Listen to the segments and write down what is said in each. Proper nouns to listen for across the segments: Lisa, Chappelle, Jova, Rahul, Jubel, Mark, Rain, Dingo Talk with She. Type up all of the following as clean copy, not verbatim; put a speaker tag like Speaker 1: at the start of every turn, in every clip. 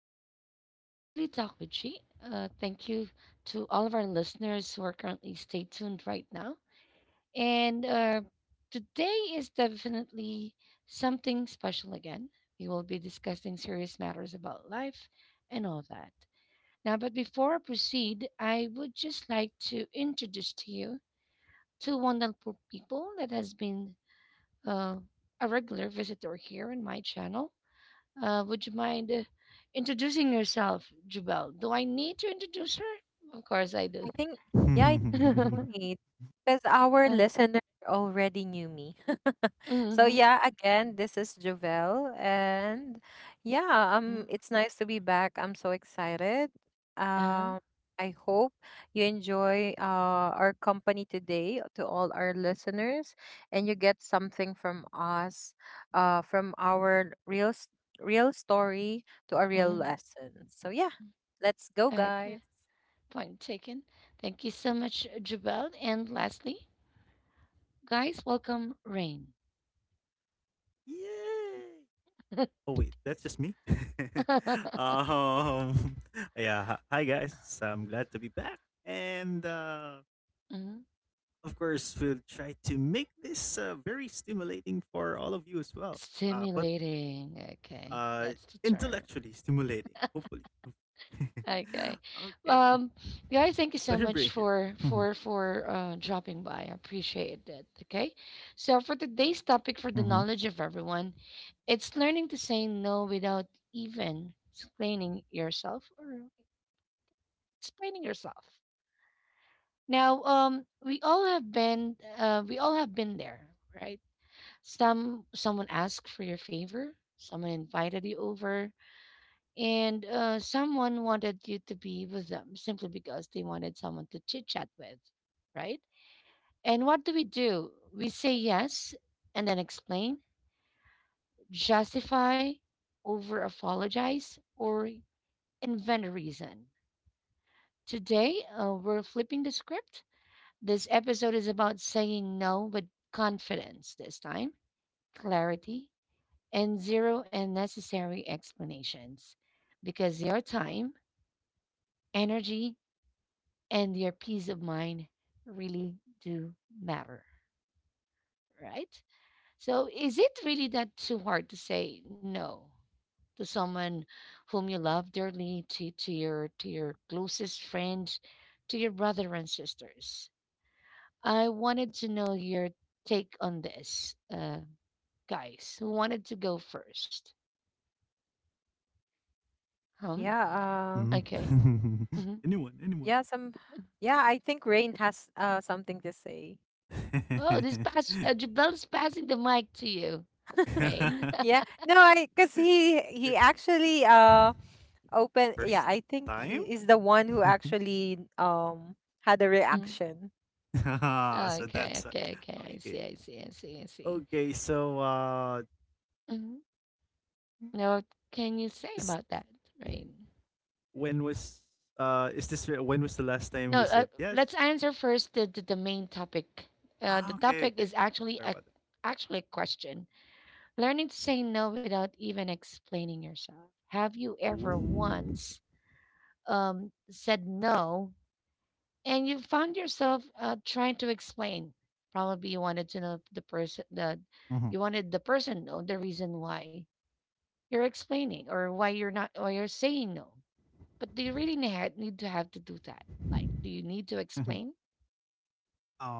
Speaker 1: is Daily Talk with she. Thank you to all of our listeners who are currently stay tuned right now. And Today is definitely something special again. We will be discussing serious matters about life and all that. But before I proceed, I would just like to introduce to you two wonderful people that has been uh, a regular visitor here in my channel. Would you mind introducing yourself, Jubel? Do I need to introduce her? Of course I do.
Speaker 2: I think, yeah, I
Speaker 3: Yay!
Speaker 1: uh,
Speaker 2: think you need because our listener already knew me. So
Speaker 1: mm-hmm,
Speaker 2: yeah, again, this is Jovel, and yeah,
Speaker 1: mm-hmm.
Speaker 2: it's nice to be back. I'm so excited.
Speaker 1: uh-huh,
Speaker 2: Um, I hope you enjoy our company today to all our listeners, and you get something from us, from our real s- real story to a real
Speaker 1: hmm
Speaker 2: lesson. So yeah, let's go, guys.
Speaker 1: Okay, point taken. Thank you so much, Jubel. And lastly, guys, welcome Rain.
Speaker 3: Oh wait, that's just me. um, yeah. Hi, guys. I'm glad to be back, and
Speaker 1: Mhm.
Speaker 3: of course we'll try to make this very stimulating for all of you as well. But
Speaker 1: Stimulating. Okay,
Speaker 3: uh,
Speaker 1: that's the term.
Speaker 3: intellectually stimulating, hopefully.
Speaker 1: Okay.
Speaker 3: Okay.
Speaker 1: Um, Guys, thank you so
Speaker 3: Pleasure
Speaker 1: much
Speaker 3: being here.
Speaker 1: for
Speaker 3: Mm-hmm.
Speaker 1: for dropping by. I appreciate it. Okay. So for today's topic, for the knowledge of everyone, it's learning to say no without even explaining yourself or explaining yourself. Now, we all have been there, right? Someone asked for your favor. Someone invited you over. And someone wanted you to be with them simply because they wanted someone to chit chat with, right? And what do? We say yes and then explain, justify, over apologize, or invent a reason. Today, we're flipping the script. This episode is about saying no with confidence this time, clarity, and zero unnecessary explanations because your time, energy, and your peace of mind really do matter, right? So, is it really that too hard to say no to someone whom you love dearly, to your closest friends, to your brother and sisters? I wanted to know your take on this, guys. Who wanted to go first? Huh?
Speaker 2: Yeah. Um.
Speaker 1: Okay.
Speaker 3: Mm-hmm. Mm-hmm.
Speaker 1: hmm
Speaker 2: Yeah,
Speaker 3: Anyone,
Speaker 2: some yeah, I think Rain has something to say.
Speaker 1: Oh, this pass. Jabel's passing the mic to you,
Speaker 3: anyone.
Speaker 1: Rain.
Speaker 2: Yeah. No, I cuz he actually
Speaker 3: First
Speaker 2: open yeah, I
Speaker 3: time?
Speaker 2: think he is the one who actually had a reaction.
Speaker 3: Ah,
Speaker 1: Oh,
Speaker 3: so
Speaker 1: okay,
Speaker 3: that's
Speaker 1: okay, okay. I
Speaker 3: Okay.
Speaker 1: see,
Speaker 3: Good.
Speaker 1: I see, I see, I see.
Speaker 3: Okay, so uh,
Speaker 1: hmm Now, what
Speaker 3: is,
Speaker 1: can you say about that? Right.
Speaker 3: when was when was the last time we
Speaker 1: No,
Speaker 3: said yes?
Speaker 1: let's answer first the main topic.
Speaker 3: Ah,
Speaker 1: The
Speaker 3: okay,
Speaker 1: topic
Speaker 3: okay.
Speaker 1: is actually
Speaker 3: Sorry
Speaker 1: a
Speaker 3: about that.
Speaker 1: actually a question. Learning to say no without even explaining yourself. Have you
Speaker 3: Ooh.
Speaker 1: ever once said no and you found yourself trying to explain? Probably
Speaker 3: Mhm.
Speaker 1: you wanted the person to know the reason why you're explaining or why you're not or you're saying no. But do you really need to have to do that? Like, do you need to
Speaker 3: Mhm.
Speaker 1: explain?
Speaker 3: um,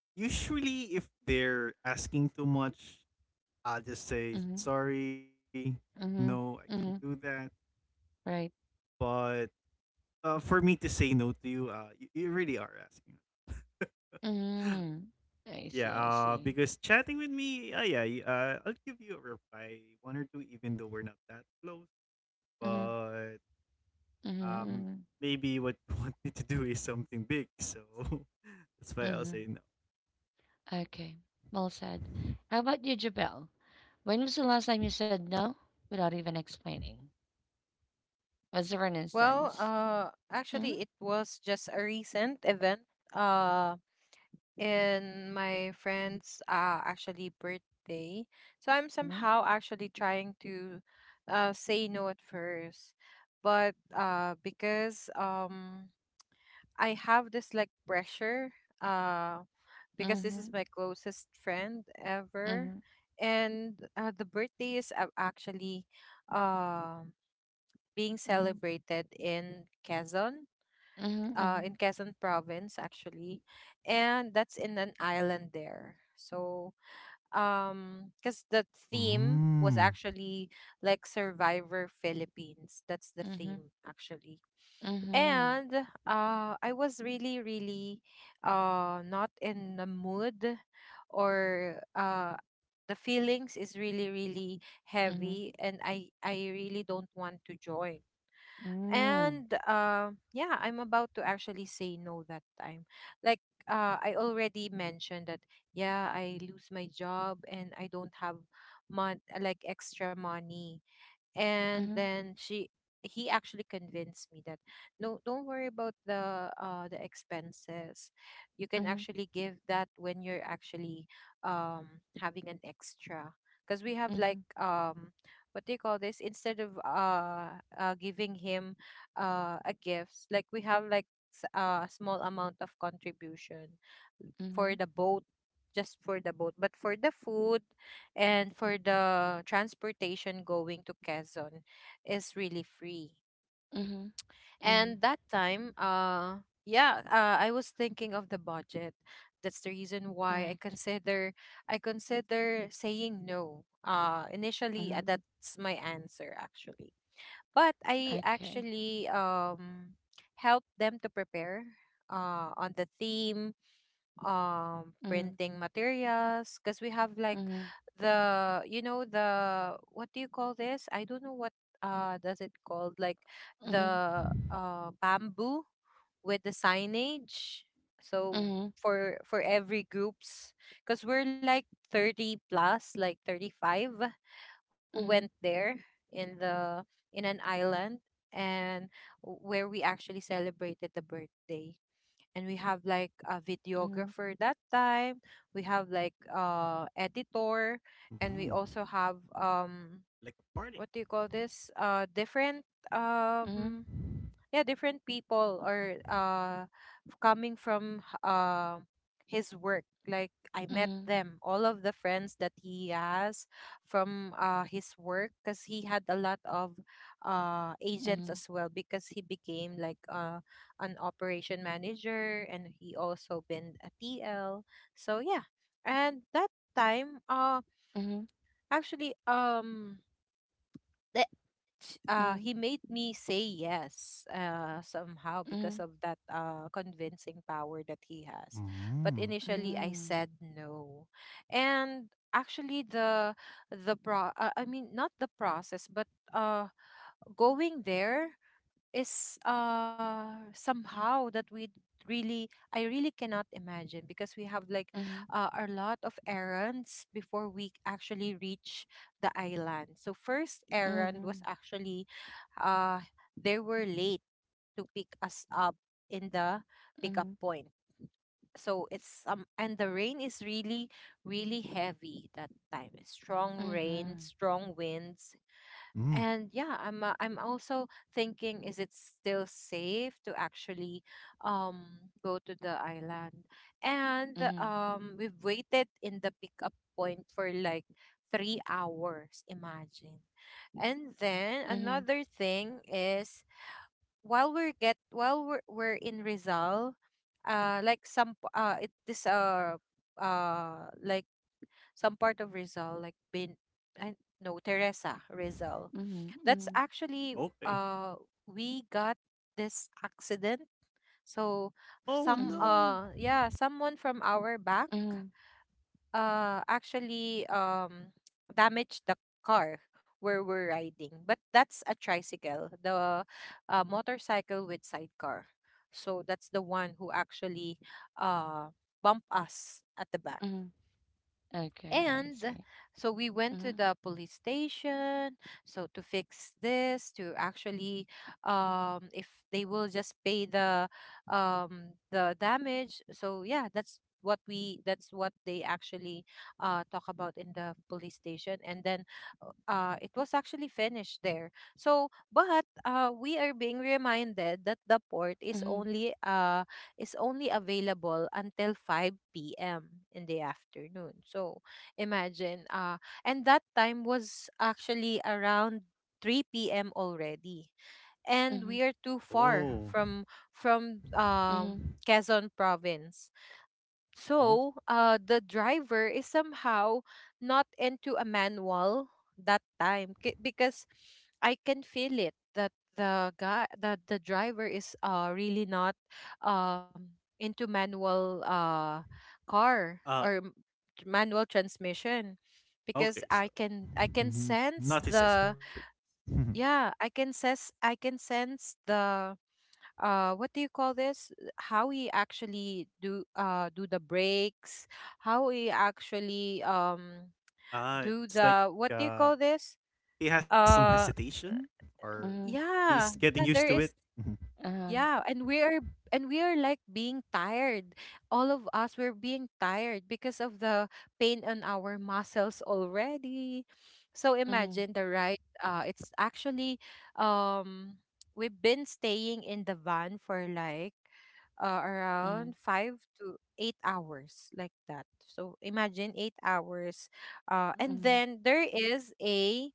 Speaker 3: Usually if they're asking too much, I'll just say
Speaker 1: Mm-hmm.
Speaker 3: sorry. No, I
Speaker 1: Mm-hmm.
Speaker 3: can't do
Speaker 1: Mm-hmm.
Speaker 3: that.
Speaker 1: Right.
Speaker 3: But For me to say no to you, you really are asking.
Speaker 1: Mm-hmm. I
Speaker 3: Yeah,
Speaker 1: see. I see.
Speaker 3: because chatting with me, yeah, I'll give you a reply, one or two, even though we're not that close.
Speaker 1: Mm-hmm.
Speaker 3: But um,
Speaker 1: Mm-hmm.
Speaker 3: maybe what you want me to do is something big, so that's why I'll
Speaker 1: Mm-hmm.
Speaker 3: say
Speaker 1: Okay. Well said.
Speaker 3: no.
Speaker 1: How about you, Jabel? When was the last time you said no without even explaining? Was there an
Speaker 2: Well,
Speaker 1: instance? Mm-hmm.
Speaker 2: actually, it was just a recent event. Uh, in my friend's actually birthday, so I'm
Speaker 1: Mm-hmm.
Speaker 2: somehow actually trying to, say no at first, but because I have this like pressure uh because this
Speaker 1: Mm-hmm.
Speaker 2: is my closest friend ever
Speaker 1: Mm-hmm.
Speaker 2: and the birthday is a- actually um being
Speaker 1: Mm-hmm.
Speaker 2: celebrated
Speaker 1: Mm-hmm.
Speaker 2: in Quezon province actually, and that's in an island there. So cuz the theme was
Speaker 3: Mm.
Speaker 2: actually like Survivor Philippines. That's the
Speaker 1: Mm-hmm.
Speaker 2: theme actually.
Speaker 1: Mm-hmm.
Speaker 2: And I was really, really not in the mood, or the feelings is really, really
Speaker 1: Mm-hmm.
Speaker 2: heavy, and I really don't want to join.
Speaker 1: mm-hmm.
Speaker 2: And yeah, I'm about to actually say no that time. Like I already mentioned that yeah, I lose my job and I don't have like extra money, and
Speaker 1: Mhm,
Speaker 2: then she he actually convinced me that no, don't worry about the expenses. You can
Speaker 1: mhm,
Speaker 2: actually give that when you're actually um having an extra, because we have like
Speaker 1: mhm,
Speaker 2: what do you call this, instead of giving him a gift, like we have like a small amount of contribution
Speaker 1: mhm,
Speaker 2: for the boat, just for the boat. But for the food and for the transportation going to Quezon is really free.
Speaker 1: mhm, mhm.
Speaker 2: And that time, yeah, I was thinking of the budget. That's the reason why
Speaker 1: Correct.
Speaker 2: I consider saying no. Initially,
Speaker 1: Mhm.
Speaker 2: that's my answer actually. But I
Speaker 1: Okay.
Speaker 2: actually helped them to prepare on the theme,
Speaker 1: Mhm,
Speaker 2: printing materials, because we have like
Speaker 1: mhm,
Speaker 2: the the what do you call this, I don't know what does it called, like
Speaker 1: mhm,
Speaker 2: the bamboo with the signage. So
Speaker 1: mhm,
Speaker 2: for every groups, because we're like 30 plus, like 35 who went
Speaker 1: mhm,
Speaker 2: there in the in an island, and where we actually celebrated the birthday. And we have like a
Speaker 1: mhm,
Speaker 2: videographer that time, we have like editor, and we
Speaker 3: Ooh.
Speaker 2: also have
Speaker 3: Like a party.
Speaker 2: what do you call this, different,
Speaker 1: mhm,
Speaker 2: um yeah, different people, or coming from his work. Like I met
Speaker 1: mhm,
Speaker 2: them, all of the friends that he has from his work, because he had a lot of agents as well, because he became like an operation manager, and he also been a TL. So yeah, and that time, uh
Speaker 1: mhm, mhm, mhm, mhm, mhm,
Speaker 2: actually um the he made me say yes somehow because of that convincing power that he has. But
Speaker 3: Mm.
Speaker 2: initially I said no. And actually the pro I mean, not the process, but uh going there is somehow that we really I really cannot imagine, because we have like a lot of errands before we actually reach the island. So first
Speaker 1: mhm,
Speaker 2: errand was
Speaker 1: mhm,
Speaker 2: actually uh they were late to pick us up in the pickup point. So it's and the rain is really really heavy that time. Strong rain,
Speaker 1: mhm,
Speaker 2: strong winds,
Speaker 3: Mm.
Speaker 2: and yeah, I'm also thinking, is it still safe to actually go to the island?
Speaker 1: mhm,
Speaker 2: And
Speaker 1: mhm, mhm,
Speaker 2: we've waited in the pickup point for like 3 hours, imagine. And then
Speaker 1: mhm,
Speaker 2: another thing is, while we're in Rizal, like some p- it this like some part of Rizal, like bin I no Teresa Rizal, that's
Speaker 1: mhm,
Speaker 2: actually
Speaker 3: Okay.
Speaker 2: uh we got this accident. So
Speaker 3: Oh
Speaker 2: some
Speaker 3: no.
Speaker 2: yeah, someone from our back
Speaker 1: mhm, mhm,
Speaker 2: actually damaged the car where we're riding. But that's a tricycle, the motorcycle with sidecar. So that's the one who actually uh bumped us at the back.
Speaker 1: mhm. Okay, I
Speaker 2: And
Speaker 1: see.
Speaker 2: so we went to
Speaker 1: Mhm,
Speaker 2: the police station, so to fix this, to actually if they will just pay the damage. So yeah, that's what they actually talk about in the police station, and then it was actually finished there. So but we are being reminded that the port is
Speaker 1: mhm,
Speaker 2: only uh is only available until 5 p.m. in the afternoon. So imagine. And that time was actually around 3 p.m. already. And we
Speaker 1: mhm,
Speaker 2: are too far
Speaker 3: Oh.
Speaker 2: from from um,
Speaker 1: mhm,
Speaker 2: Quezon province. So,
Speaker 3: Oh.
Speaker 2: the driver is somehow not into a manual that time, because I can feel it that the guy that the driver is really not into manual car or
Speaker 3: Uh
Speaker 2: m- manual transmission, because
Speaker 3: Okay, so
Speaker 2: I can
Speaker 3: mhm, mhm,
Speaker 2: sense
Speaker 3: not his
Speaker 2: the
Speaker 3: expertise. Mhm.
Speaker 2: I can sense the what do you call this, how we actually do the breaks, how we actually do
Speaker 3: It's like
Speaker 2: the what do you
Speaker 3: uh
Speaker 2: call this,
Speaker 3: he has some
Speaker 2: uh
Speaker 3: hesitation or
Speaker 1: mhm,
Speaker 3: he's
Speaker 2: yeah
Speaker 3: getting
Speaker 2: yeah,
Speaker 3: used to
Speaker 2: there
Speaker 3: it.
Speaker 2: is.
Speaker 3: Mhm.
Speaker 1: uh-huh,
Speaker 2: Yeah, and we are like being tired. All of us, we're being tired because of the pain on our muscles already. So
Speaker 1: mhm,
Speaker 2: imagine the ride. It's actually um we've been staying in the van for like
Speaker 1: mhm,
Speaker 2: around 5 to 8 hours like that. So imagine 8 hours. And
Speaker 1: mhm,
Speaker 2: then there is a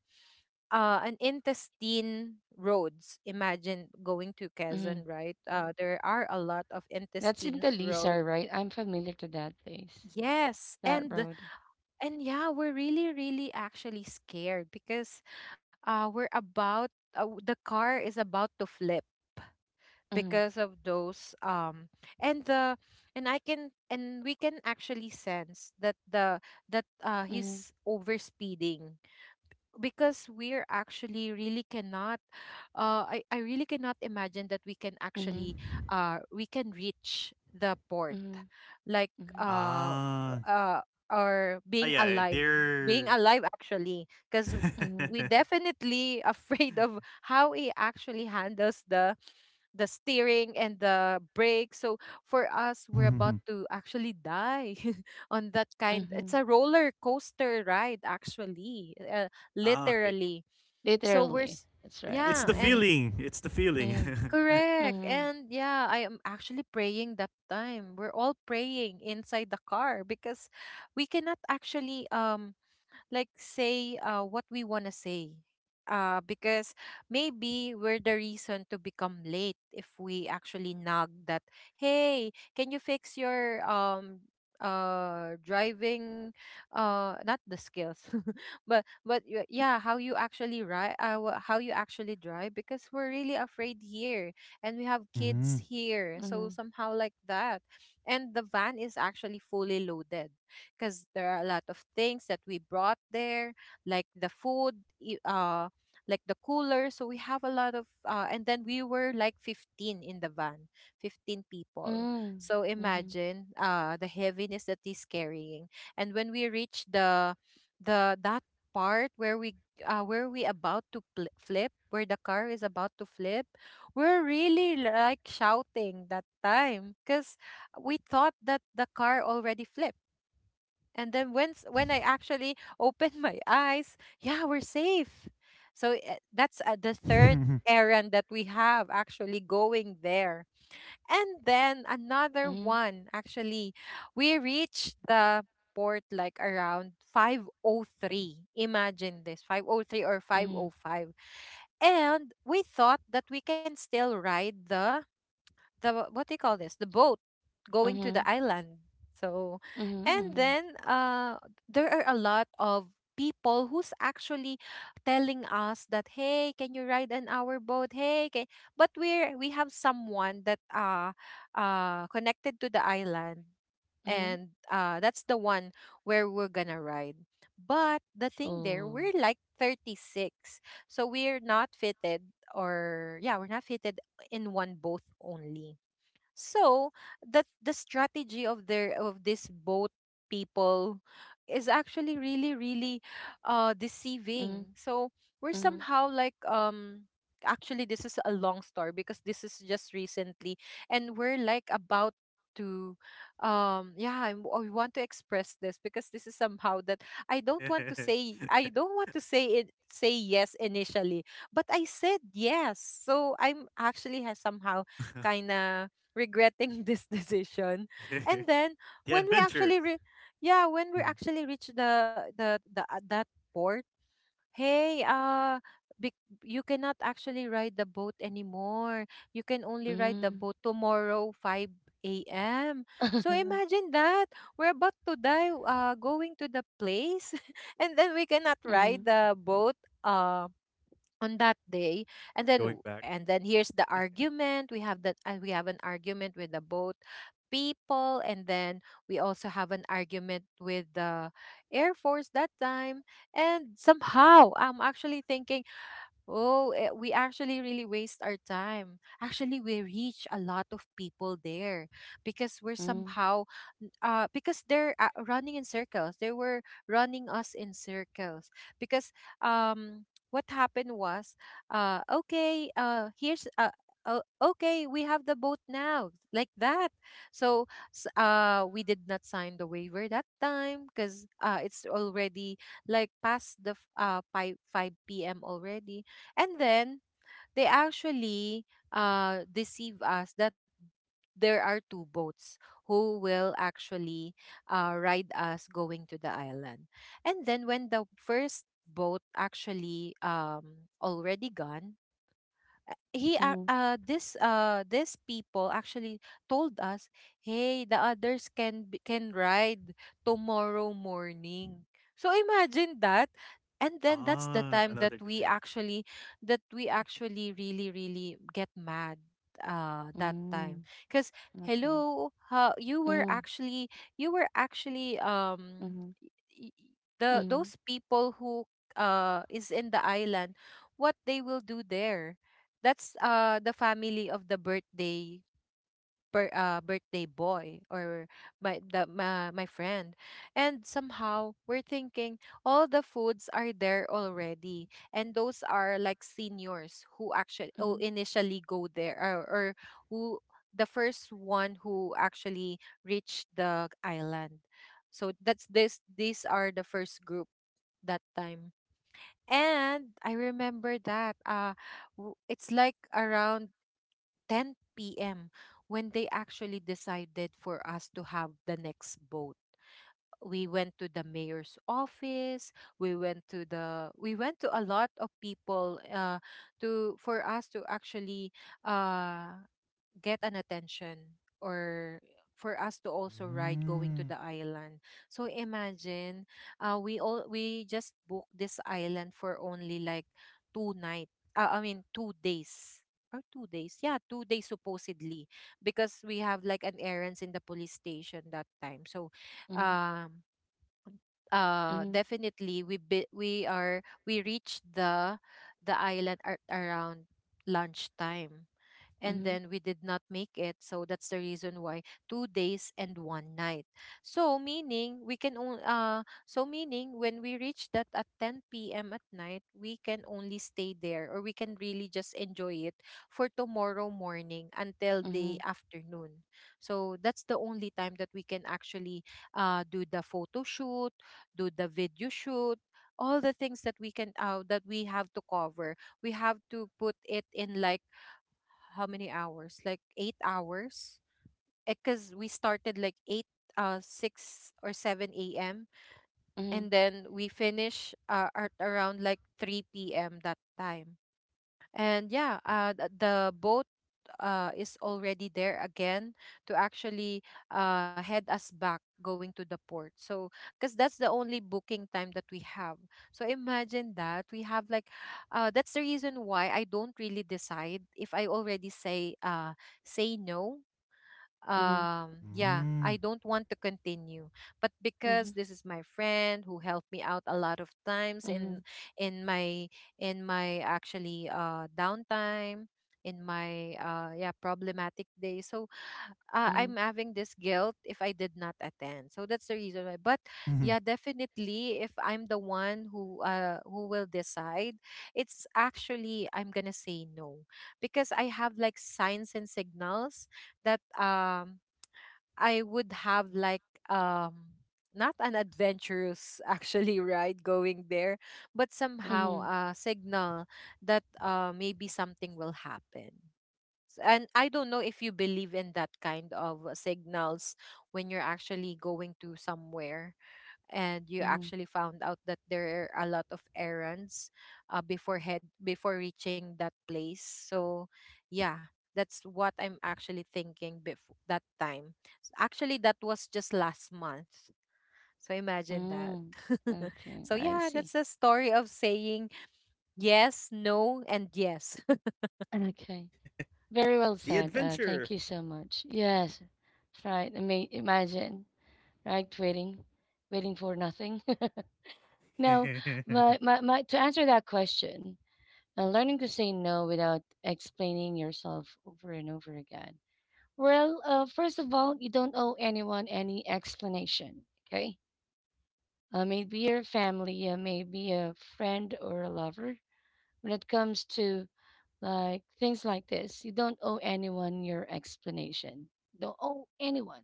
Speaker 2: an intestine roads. Imagine going to
Speaker 1: mhm.
Speaker 2: Quezon, right? There are a lot of
Speaker 1: That's in the
Speaker 2: intestines roads.
Speaker 1: Lisa, right? I'm familiar to that place,
Speaker 2: Yes,
Speaker 1: that
Speaker 2: and
Speaker 1: road.
Speaker 2: yeah, we're really, really actually scared because uh, we're about the car is about to flip
Speaker 1: Mm-hmm,
Speaker 2: because of those and the and I can and we can actually sense that the that
Speaker 1: mm-hmm,
Speaker 2: he's over speeding, because we're actually really cannot I really cannot imagine that we can
Speaker 1: mm-hmm,
Speaker 2: actually we can reach the port, like
Speaker 1: mm-hmm,
Speaker 2: uh
Speaker 3: Ah,
Speaker 2: uh or
Speaker 3: ah yeah,
Speaker 2: being
Speaker 3: they're
Speaker 2: alive actually, because
Speaker 1: mm-hmm, mm-hmm,
Speaker 2: we
Speaker 3: Mhm.
Speaker 2: definitely afraid of how it actually handles the steering and the brake. So for us, we're about
Speaker 3: Mhm.
Speaker 2: to actually die on that kind. It's
Speaker 1: mm-hmm.
Speaker 2: a roller coaster ride actually,
Speaker 3: Ah,
Speaker 2: literally.
Speaker 3: okay.
Speaker 2: So we're
Speaker 1: Literally,
Speaker 2: s-
Speaker 1: that's
Speaker 3: I-
Speaker 1: right.
Speaker 3: It's
Speaker 2: yeah,
Speaker 3: the
Speaker 1: Mm-hmm,
Speaker 2: and
Speaker 3: feeling. It's the feeling.
Speaker 1: mm-hmm,
Speaker 2: correct. And yeah, I am actually praying that time. We're all praying inside the car, because we cannot actually like say what we want to say, because maybe we're the reason to become late if we actually nag that, hey, can you fix your driving, not the skills yeah, how you actually ride, how you actually drive, because we're really afraid here, and we have kids here,
Speaker 3: Mm.
Speaker 2: so
Speaker 1: mm-hmm,
Speaker 2: somehow like that. And the van is actually fully loaded, because there are a lot of things that we brought there, like the food, like the cooler. So we have a lot of, and then we were like 15 in the van, 15 people.
Speaker 1: mm-hmm,
Speaker 2: So
Speaker 1: mm-hmm,
Speaker 2: imagine the heaviness that he's carrying. And when we reached that part where we about to flip, where the car is about to flip, we're really like shouting that time, because we thought that the car already flipped. And then once when I actually open my eyes, yeah, we're safe. So eh, that's the third errand that we have actually going there. And then another one actually, we reached the port like around 503. Imagine this, 503 or
Speaker 1: mm-hmm, mm-hmm,
Speaker 2: 505. And we thought that we can still ride the what do you call this the boat going to the
Speaker 1: mm-hmm,
Speaker 2: island. So
Speaker 1: mm-hmm,
Speaker 2: and
Speaker 1: mm-hmm.
Speaker 2: then there are a lot of people who's actually telling us that, hey, can you ride in our boat, hey, can... But we have someone that connected to the island,
Speaker 1: mm-hmm.
Speaker 2: and that's the one where we're gonna ride. But the thing there,
Speaker 1: Oh,
Speaker 2: we're like 36, so we're not fitted, or yeah, we're not fitted in one both only. So the strategy of their of this boat people is actually really really
Speaker 1: mm-hmm,
Speaker 2: deceiving. So we're
Speaker 1: mm-hmm,
Speaker 2: somehow like actually, this is a long story because this is just recently. And we're like about to yeah, I want to express this, because this is somehow that I don't want to say it, say yes initially, but I said yes. So I'm actually has somehow kind of regretting this decision. And then
Speaker 3: The
Speaker 2: when we
Speaker 3: adventures.
Speaker 2: actually re- yeah, when we
Speaker 3: Mhm.
Speaker 2: actually reach the that port, hey, bec- you cannot actually ride the boat anymore. You can only ride the
Speaker 1: mm-hmm,
Speaker 2: boat tomorrow 5 a.m. So imagine that we're about to die going to the place and then we cannot ride
Speaker 1: mm-hmm,
Speaker 2: the boat um on that day,
Speaker 3: Going back.
Speaker 2: and then here's the argument we have that, and we have an argument with the boat people, and then we also have an argument with the air force that time. And somehow I'm actually thinking, oh, we actually really waste our time. Actually, we reach a lot of people there because we're
Speaker 1: mm-hmm,
Speaker 2: somehow, because they're running in circles. They were running us in circles because, what happened was, okay, here's okay, we have the boat now, like that. So, we did not sign the waiver that time because it's already like past the 5 p.m. already, and then they actually deceive us that there are two boats who will actually ride us going to the island. And then when the first boat actually already gone, he ac-
Speaker 1: mm-hmm.
Speaker 2: this this people actually told us, hey, the others can ride tomorrow morning. So imagine that. And then that's the time
Speaker 3: Ah,
Speaker 2: that
Speaker 3: another
Speaker 2: we
Speaker 3: delay.
Speaker 2: actually that we actually really really get mad that time, because,
Speaker 1: Okay.
Speaker 2: hello, you were
Speaker 1: Mm-hmm,
Speaker 2: actually you were actually
Speaker 1: mm-hmm,
Speaker 2: y- y- the those people who is in the island, what they will do there. That's the family of the birthday birthday boy, or my friend. And somehow we're thinking, all the foods are there already, and those are like seniors who actually, oh,
Speaker 1: mm-hmm,
Speaker 2: initially go there, or who, the first one who actually reached the island, so that's this these are the first group that time. And I remember that it's like around 10 p.m. when they actually decided for us to have the next boat. We went to the mayor's office. We went to a lot of people, to for us to actually uh, get an attention, or for us to also ride
Speaker 3: Mm.
Speaker 2: going to the island. So imagine, we just booked this island for only like two night, I mean 2 days, or 2 days, yeah, 2 days supposedly, because we have like an errands in the police station that time, so
Speaker 1: mm-hmm,
Speaker 2: um
Speaker 1: mm-hmm,
Speaker 2: definitely we bi- we are we reached the island at around lunchtime, and
Speaker 1: mm-hmm,
Speaker 2: then we did not make it. So that's the reason why, 2 days and one night. So meaning when we reach that at 10 p.m. at night, we can only stay there, or we can really just enjoy it for tomorrow morning until the
Speaker 1: mm-hmm.
Speaker 2: afternoon. So that's the only time that we can actually do the photo shoot, do the video shoot, all the things that we have to cover. We have to put it in, like, how many hours? Like 8 hours. Because we started like eight, 6 or 7 a.m.,
Speaker 1: mm-hmm,
Speaker 2: and then we finish at around like 3 p.m. that time, and, yeah, the boat is already there again, to actually head us back going to the port, so because that's the only booking time that we have. So imagine that we have like, that's the reason why I don't really decide if I already say, say no.
Speaker 1: mm-hmm.
Speaker 2: Yeah,
Speaker 3: Mm.
Speaker 2: I don't want to continue, but because
Speaker 1: Mhm,
Speaker 2: this is my friend who helped me out a lot of times
Speaker 1: mhm,
Speaker 2: in my in my actually downtime, in my yeah, problematic day, so
Speaker 1: mhm,
Speaker 2: I'm having this guilt if I did not attend, so that's the reason why. But,
Speaker 3: Mhm.
Speaker 2: yeah, definitely, if I'm the one who will decide, it's actually I'm gonna say no, because I have like signs and signals that, I would have like, um not an adventurous actually ride going there, but somehow
Speaker 1: mhm,
Speaker 2: a signal that maybe something will happen. And I don't know if you believe in that kind of signals when you're actually going to somewhere, and you
Speaker 1: mhm,
Speaker 2: actually found out that there are a lot of errands, before reaching that place, so yeah, that's what I'm actually thinking before that time. Actually, that was just last month. So imagine that.
Speaker 1: mm. Okay,
Speaker 2: So,
Speaker 1: I
Speaker 2: yeah, that's
Speaker 1: see.
Speaker 2: the story of saying yes, no, and yes.
Speaker 1: Okay,
Speaker 3: The
Speaker 1: very well
Speaker 3: adventure.
Speaker 1: said. Thank you so much. Yes, that's right. I mean, imagine, right? Waiting, waiting for nothing. No,
Speaker 3: Ah,
Speaker 1: to answer that question, learning to say no without explaining yourself over and over again. Well, first of all, you don't owe anyone any explanation, okay? Maybe your family, maybe a friend or a lover. When it comes to like things like this, you don't owe anyone your explanation. Don't owe anyone,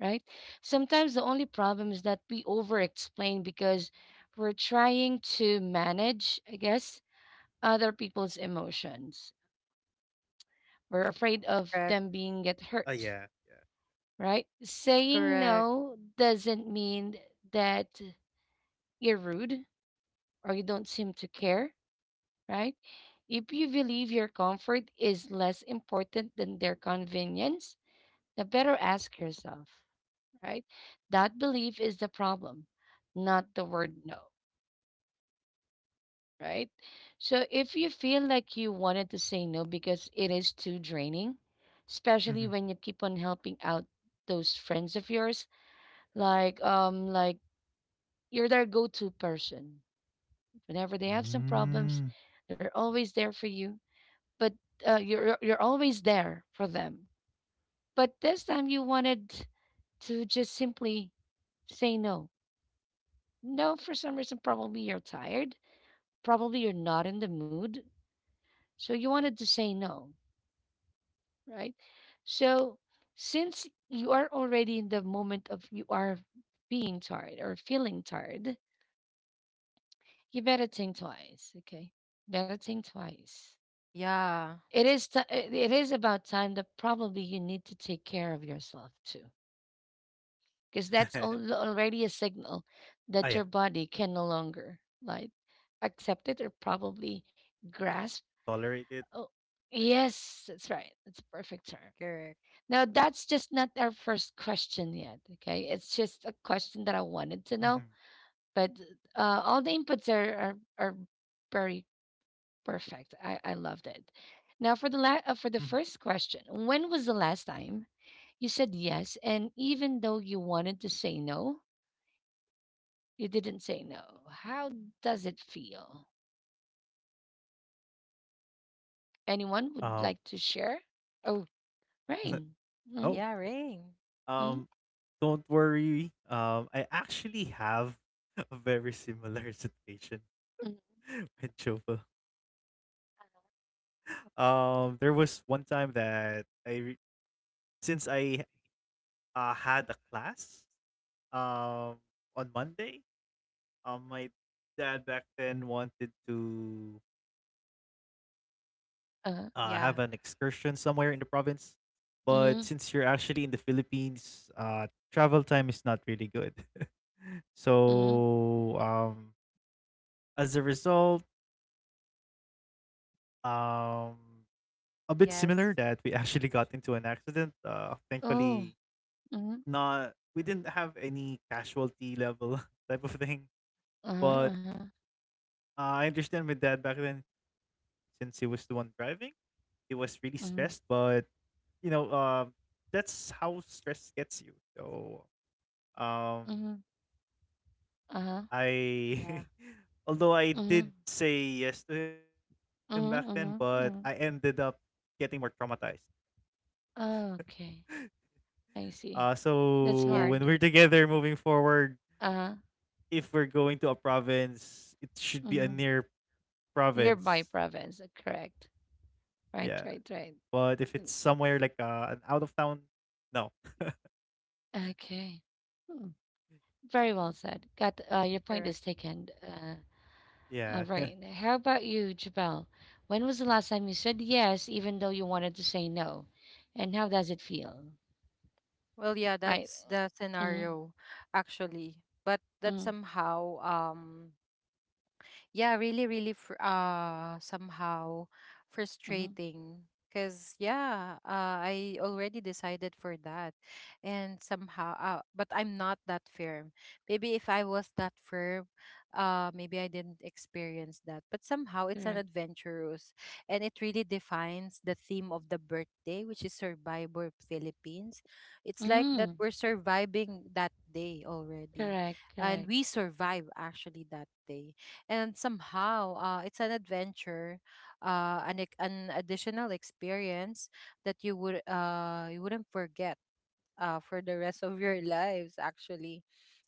Speaker 1: right? Sometimes the only problem is that we over explain because we're trying to manage, I guess, other people's emotions. We're afraid of them
Speaker 2: Correct.
Speaker 1: being get
Speaker 3: ah, yeah,
Speaker 1: hurt,
Speaker 3: yeah.
Speaker 1: right? Saying
Speaker 2: Correct.
Speaker 1: no doesn't mean that you're rude or you don't seem to care, right? If you believe your comfort is less important than their convenience, the better ask yourself, right? That belief is the problem, not the word no, right? So if you feel like you wanted to say no because it is too draining, especially
Speaker 3: Mhm.
Speaker 1: when you keep on helping out those friends of yours, like you're their go-to person. Whenever they have some problems,
Speaker 3: Mm.
Speaker 1: they're always there for you but you're always there for them. But this time you wanted to just simply say no. No, for some reason, probably you're tired. Probably you're not in the mood. So you wanted to say no, right? So since you are already in the moment of you are being tired or feeling tired, you better think twice. Okay, better think twice.
Speaker 2: Yeah.
Speaker 1: It is about time that probably you need to take care of yourself too because that's already a signal
Speaker 3: Ah,
Speaker 1: that
Speaker 3: yeah.
Speaker 1: your body can no longer like accept it or probably
Speaker 3: Tolerate
Speaker 1: grasp.
Speaker 3: it. Ah, yeah.
Speaker 1: Oh, yes, that's right. That's a perfect term.
Speaker 2: Correct.
Speaker 1: Now, that's just not our first question yet. Okay, it's just a question that I wanted to know,
Speaker 3: Mhm.
Speaker 1: but all the inputs are very perfect. I loved it. Now, for
Speaker 3: Mhm.
Speaker 1: for the first question, when was the last time you said yes, and even though you wanted to say no, you didn't say no. How does it feel? Anyone would
Speaker 3: Um.
Speaker 1: like to share? Oh, rain. Mm,
Speaker 3: Oh,
Speaker 2: Yeah.
Speaker 3: okay.
Speaker 2: Rain.
Speaker 1: mm,
Speaker 3: Um, don't worry. I actually have a very similar situation
Speaker 1: mm,
Speaker 3: with Jova. There was one time that I, re- since I had a class um on Monday, my dad back then wanted to have an
Speaker 1: uh,
Speaker 2: Yeah.
Speaker 3: excursion somewhere in the province. But since you're
Speaker 1: mm,
Speaker 3: actually in the Philippines, travel time is not really good.
Speaker 1: mm,
Speaker 3: so um as a result, um, a bit similar that we
Speaker 2: Yes.
Speaker 3: actually got into an accident. Thankfully,
Speaker 1: oh, mm,
Speaker 3: not we didn't have any casualty level type of thing.
Speaker 1: uh-huh,
Speaker 3: But I understand with dad back then, since he was the one driving, he was really stressed.
Speaker 1: mm,
Speaker 3: But you know, that's how stress gets you. So, um,
Speaker 1: mm, uh-huh,
Speaker 3: I.
Speaker 2: Yeah,
Speaker 3: Although I did
Speaker 1: mm,
Speaker 3: say yes to him back then, but I
Speaker 1: mm, mm,
Speaker 3: ended up
Speaker 1: mm.
Speaker 3: getting more traumatized.
Speaker 1: Okay, I
Speaker 3: Uh,
Speaker 1: see. That's
Speaker 3: so when
Speaker 2: yeah.
Speaker 3: we're
Speaker 1: hard.
Speaker 3: together moving forward,
Speaker 1: Uh-huh,
Speaker 3: if we're going to a province, it should be a
Speaker 1: mm.
Speaker 3: near
Speaker 1: Nearby
Speaker 3: province.
Speaker 1: province,
Speaker 3: Yeah.
Speaker 1: correct.
Speaker 3: But if
Speaker 1: Right,
Speaker 3: it's
Speaker 1: right, right.
Speaker 3: somewhere like
Speaker 1: Mm,
Speaker 3: an out of town, no.
Speaker 1: Okay. Hmm. Very well said. Got your point
Speaker 2: Correct.
Speaker 1: is taken.
Speaker 3: Yeah.
Speaker 1: All right. How about you, Jabal? When was the last time you said yes, even though you wanted to say no? And how does it feel?
Speaker 2: Well, yeah,
Speaker 1: I.
Speaker 2: that's the
Speaker 1: Mm,
Speaker 2: scenario, actually. But that
Speaker 1: mm,
Speaker 2: somehow, yeah, really really somehow
Speaker 1: mm,
Speaker 2: frustrating, because, yeah, I already decided for that, and somehow, but I'm not that firm. Maybe if I was that firm, maybe I didn't experience that, but somehow it's an
Speaker 1: Correct.
Speaker 2: adventurous, and it really defines the theme of the birthday, which is Survivor Philippines. It's like that
Speaker 1: Mm,
Speaker 2: we're surviving that day already,
Speaker 1: Correct.
Speaker 2: and
Speaker 1: Correct.
Speaker 2: we survive actually that day. And somehow, it's an adventure, an additional experience that you wouldn't forget, for the rest of your lives, actually.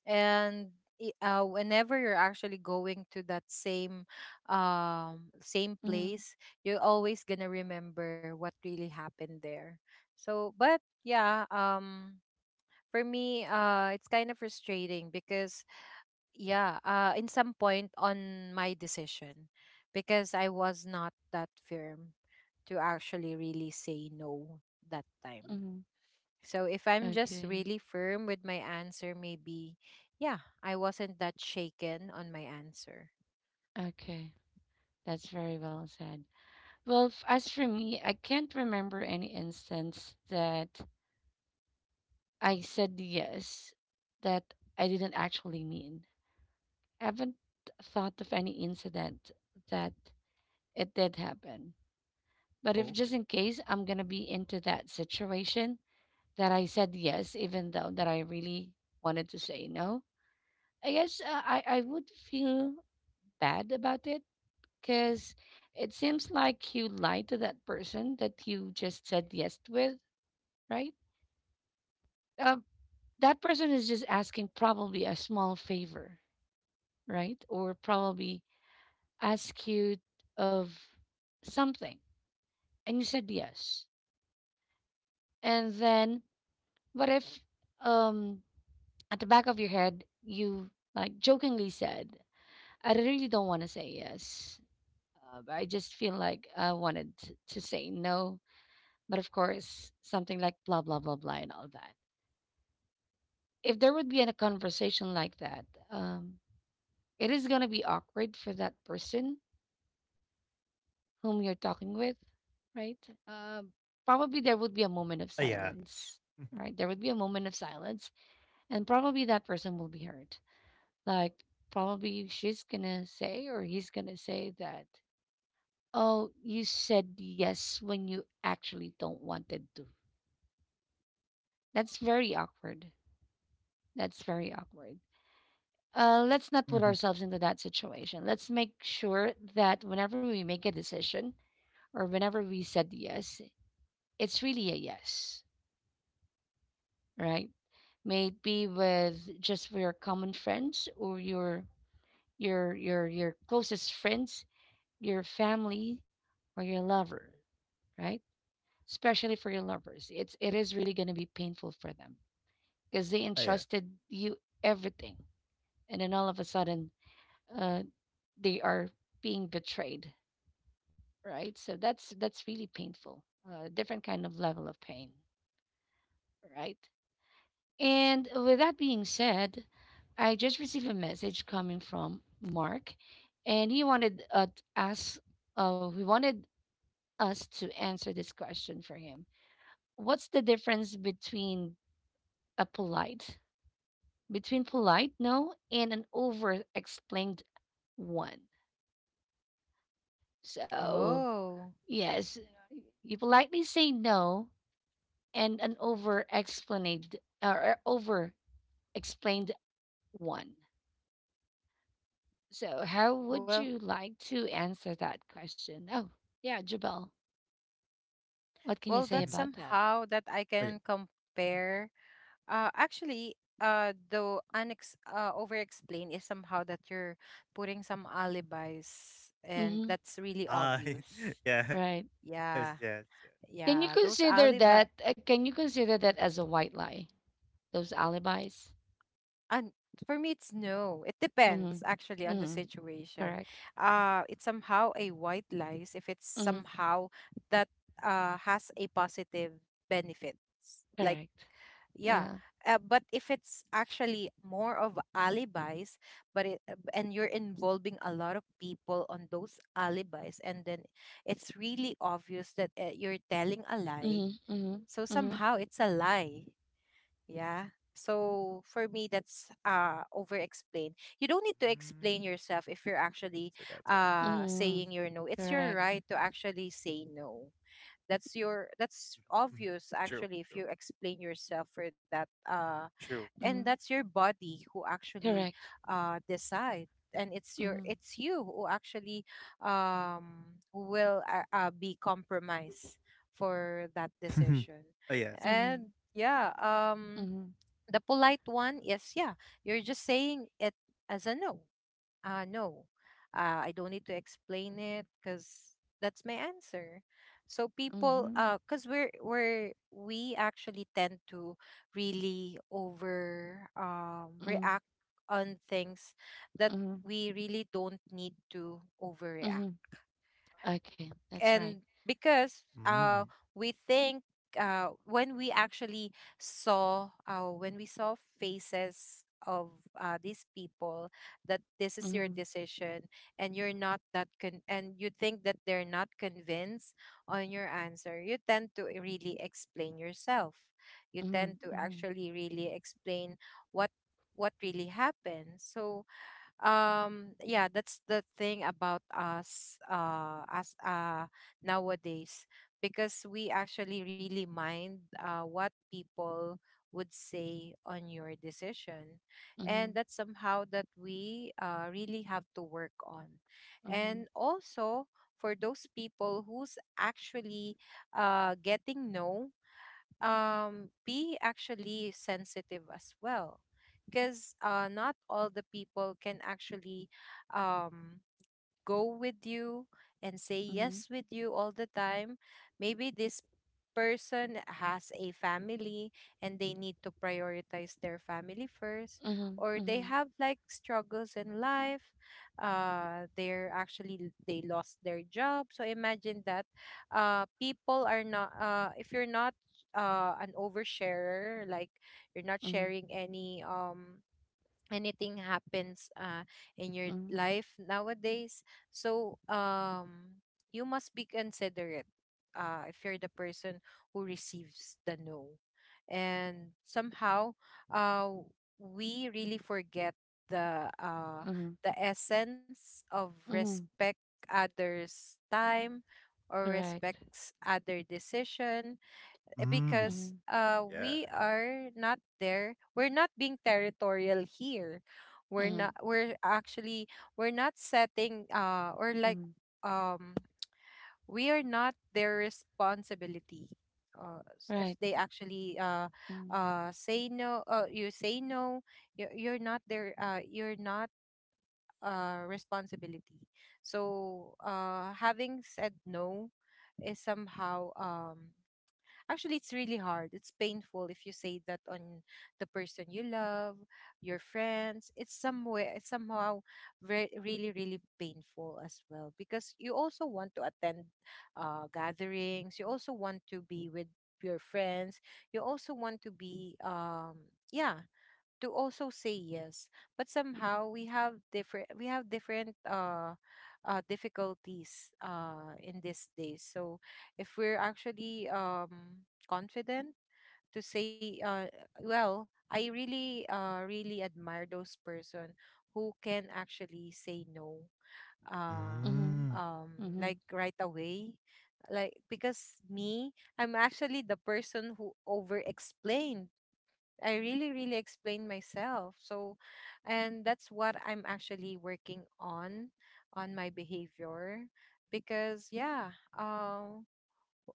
Speaker 2: and Whenever you're actually going to that same
Speaker 1: Mm,
Speaker 2: place, you're always gonna remember what really happened there, so but, yeah, for me, it's kind of frustrating, because, yeah, in some point on my decision, because I was not that firm to actually really say no that time.
Speaker 1: mm.
Speaker 2: So if I'm just
Speaker 1: Okay.
Speaker 2: really firm with my answer, maybe, yeah, I wasn't that shaken on my answer.
Speaker 1: Okay. That's very well said. Well, as for me, I can't remember any instance that I said yes that I didn't actually mean. I haven't thought of any incident that it did happen. But if
Speaker 3: Yeah.
Speaker 1: just in
Speaker 3: Okay.
Speaker 1: case I'm going to be into that situation that I said yes, even though that I really wanted to say no, I guess I would feel bad about it because it seems like you lied to that person that you just said yes with, right? Uh, that person is just asking probably a small favor, right? Or probably ask you of something and you said yes. And then what if um at the back of your head, you like jokingly said, I really don't want to say yes. But I just feel like I wanted to say no. But of course, something like blah, blah, blah, blah, and all that. If there would be a conversation like that, um, it is going to be awkward for that person whom you're talking with, right? Uh, Probably there would be a moment of
Speaker 3: Yeah.
Speaker 1: silence, right?
Speaker 3: Mm.
Speaker 1: There would be a moment of silence, and probably that person will be hurt. Like, probably she's gonna say or he's gonna say that, oh, you said yes when you actually don't wanted to. That's very awkward. That's very awkward. Let's not put ourselves
Speaker 3: Mm-hmm.
Speaker 1: into that situation. Let's make sure that whenever we make a decision or whenever we said yes, it's really a yes, right? May it be with just your common friends or your closest friends, your family or your lover, right? Especially for your lovers. It's it is really going to be painful for them because they
Speaker 3: Ah,
Speaker 1: entrusted
Speaker 3: yes.
Speaker 1: you everything and then all of a sudden uh they are being betrayed, right? So that's really painful. A different kind of level of pain, right? And with that being said, I just received a message coming from Mark, and he wanted he wanted us to answer this question for him. What's the difference between a polite, between polite no and an over explained one? So,
Speaker 2: Oh,
Speaker 1: yes, you politely say no and an over explained or over explained one. So, how would
Speaker 2: well,
Speaker 1: you like to answer that question? Oh, yeah, Jabal,
Speaker 3: Mhm.
Speaker 1: what can
Speaker 2: well,
Speaker 1: you
Speaker 2: that's
Speaker 1: say about that?
Speaker 3: Ah,
Speaker 2: somehow
Speaker 3: yeah.
Speaker 2: that I can compare. Actually, the unex over-explain is somehow that you're putting some alibis, and
Speaker 1: Mm-hmm,
Speaker 2: that's really
Speaker 3: Ah,
Speaker 2: obvious.
Speaker 1: right.
Speaker 3: yes, yes, yes.
Speaker 2: Yeah,
Speaker 3: True.
Speaker 1: Can you
Speaker 2: yeah, those
Speaker 1: consider
Speaker 2: alibi.
Speaker 1: that? Can you consider that as a white lie? Those alibis.
Speaker 2: And for me, it's no. It
Speaker 1: Mhm.
Speaker 2: depends actually on the
Speaker 1: Mhm.
Speaker 2: situation.
Speaker 1: Correct.
Speaker 2: It's somehow a white lies if it's
Speaker 1: Mhm.
Speaker 2: somehow that has a positive benefits, like.
Speaker 1: Correct.
Speaker 2: Yeah.
Speaker 1: Uh,
Speaker 2: But if it's actually more of alibis, and you're involving a lot of people on those alibis, and then it's really obvious that, you're telling a lie.
Speaker 1: mhm. Mhm.
Speaker 2: So
Speaker 1: Mhm.
Speaker 2: somehow it's a lie. Yeah. So for me, that's over explain. You don't need to
Speaker 3: Mm.
Speaker 2: explain yourself if you're actually
Speaker 3: So that's why.
Speaker 1: Mhm.
Speaker 2: saying your no. It's your
Speaker 1: Correct.
Speaker 2: right to actually say no. That's
Speaker 3: Mhm, mhm.
Speaker 2: obvious
Speaker 3: True, true,
Speaker 2: actually if you explain yourself for that.
Speaker 3: true.
Speaker 2: And
Speaker 1: Mhm.
Speaker 2: that's your body who actually
Speaker 1: Correct.
Speaker 2: decide, and it's
Speaker 1: mm,
Speaker 2: you who actually um will be compromised for that
Speaker 3: Mhm.
Speaker 2: decision.
Speaker 3: Oh yes, it's
Speaker 1: Mhm.
Speaker 2: And, yeah,
Speaker 1: Mhm.
Speaker 2: the polite one is, yeah, you're just saying it as a no. No, I don't need to explain it because that's my answer. So people,
Speaker 1: Mhm.
Speaker 2: because we actually tend to really over
Speaker 1: Mhm.
Speaker 2: react on things that
Speaker 1: Mhm. Mhm.
Speaker 2: we really don't need to overreact,
Speaker 1: Mhm. Okay, that's right.
Speaker 2: and because
Speaker 3: Mm.
Speaker 2: we think, uh when we actually when we saw faces of these people, that this is your
Speaker 1: Mhm.
Speaker 2: decision, and you're not that con- and you think that they're not convinced on your answer, you tend to really explain yourself, you tend
Speaker 1: Mhm.
Speaker 2: to
Speaker 1: Mhm.
Speaker 2: actually really explain what what really happened, so, yeah, that's the thing about us, as nowadays, because we actually really mind what people would say on your decision, and
Speaker 1: Mhm.
Speaker 2: that's somehow that we really have to work on. And
Speaker 1: Mhm.
Speaker 2: also, for those people who's actually getting no, be actually sensitive as well, because, not all the people can actually, um, go with you and say yes
Speaker 1: Mhm.
Speaker 2: with you all the time. Maybe this person has a family and they need to prioritize their family first,
Speaker 1: Mhm.
Speaker 2: or they
Speaker 1: Mhm.
Speaker 2: have like struggles in life. uh they're actually they lost their job, so imagine that, people are not, if you're not an oversharer, like, you're not
Speaker 1: Mhm.
Speaker 2: sharing any, anything happens, in your
Speaker 1: Mhm.
Speaker 2: life nowadays. So, you must be considerate, if you're the person who receives the no, and somehow, uh, we really forget the uh,
Speaker 1: mm,
Speaker 2: the essence of
Speaker 1: Mhm.
Speaker 2: respect others time, or
Speaker 1: Correct.
Speaker 2: respects other decision, because
Speaker 1: Mhm.
Speaker 3: Mm.
Speaker 2: we are
Speaker 3: Yeah.
Speaker 2: not there. We're not being territorial here. we're not
Speaker 1: Mhm.
Speaker 2: we're actually we're not setting, or like,
Speaker 1: Mhm.
Speaker 2: um we are not their responsibility. If
Speaker 1: Right.
Speaker 2: they actually
Speaker 1: Mhm.
Speaker 2: say no, you say no, you're not their, you're not responsibility. So, having said no is somehow, actually, it's really hard. It's painful if you say that on the person you love, your friends. It's somewhere it's somehow really really painful as well, because you also want to attend, gatherings. You also want to be with your friends. You also want to be yeah to also say yes, but somehow we have different difficulties in these days. So if we're actually confident to say, well, I really really admire those person who can actually say no. uh
Speaker 1: mm,
Speaker 2: um like
Speaker 3: Mm.
Speaker 1: Mhm.
Speaker 2: right away, like because me, I'm actually the person who over explained. I really, really explained myself. So, and that's what I'm actually working on my behavior. Because, yeah, uh,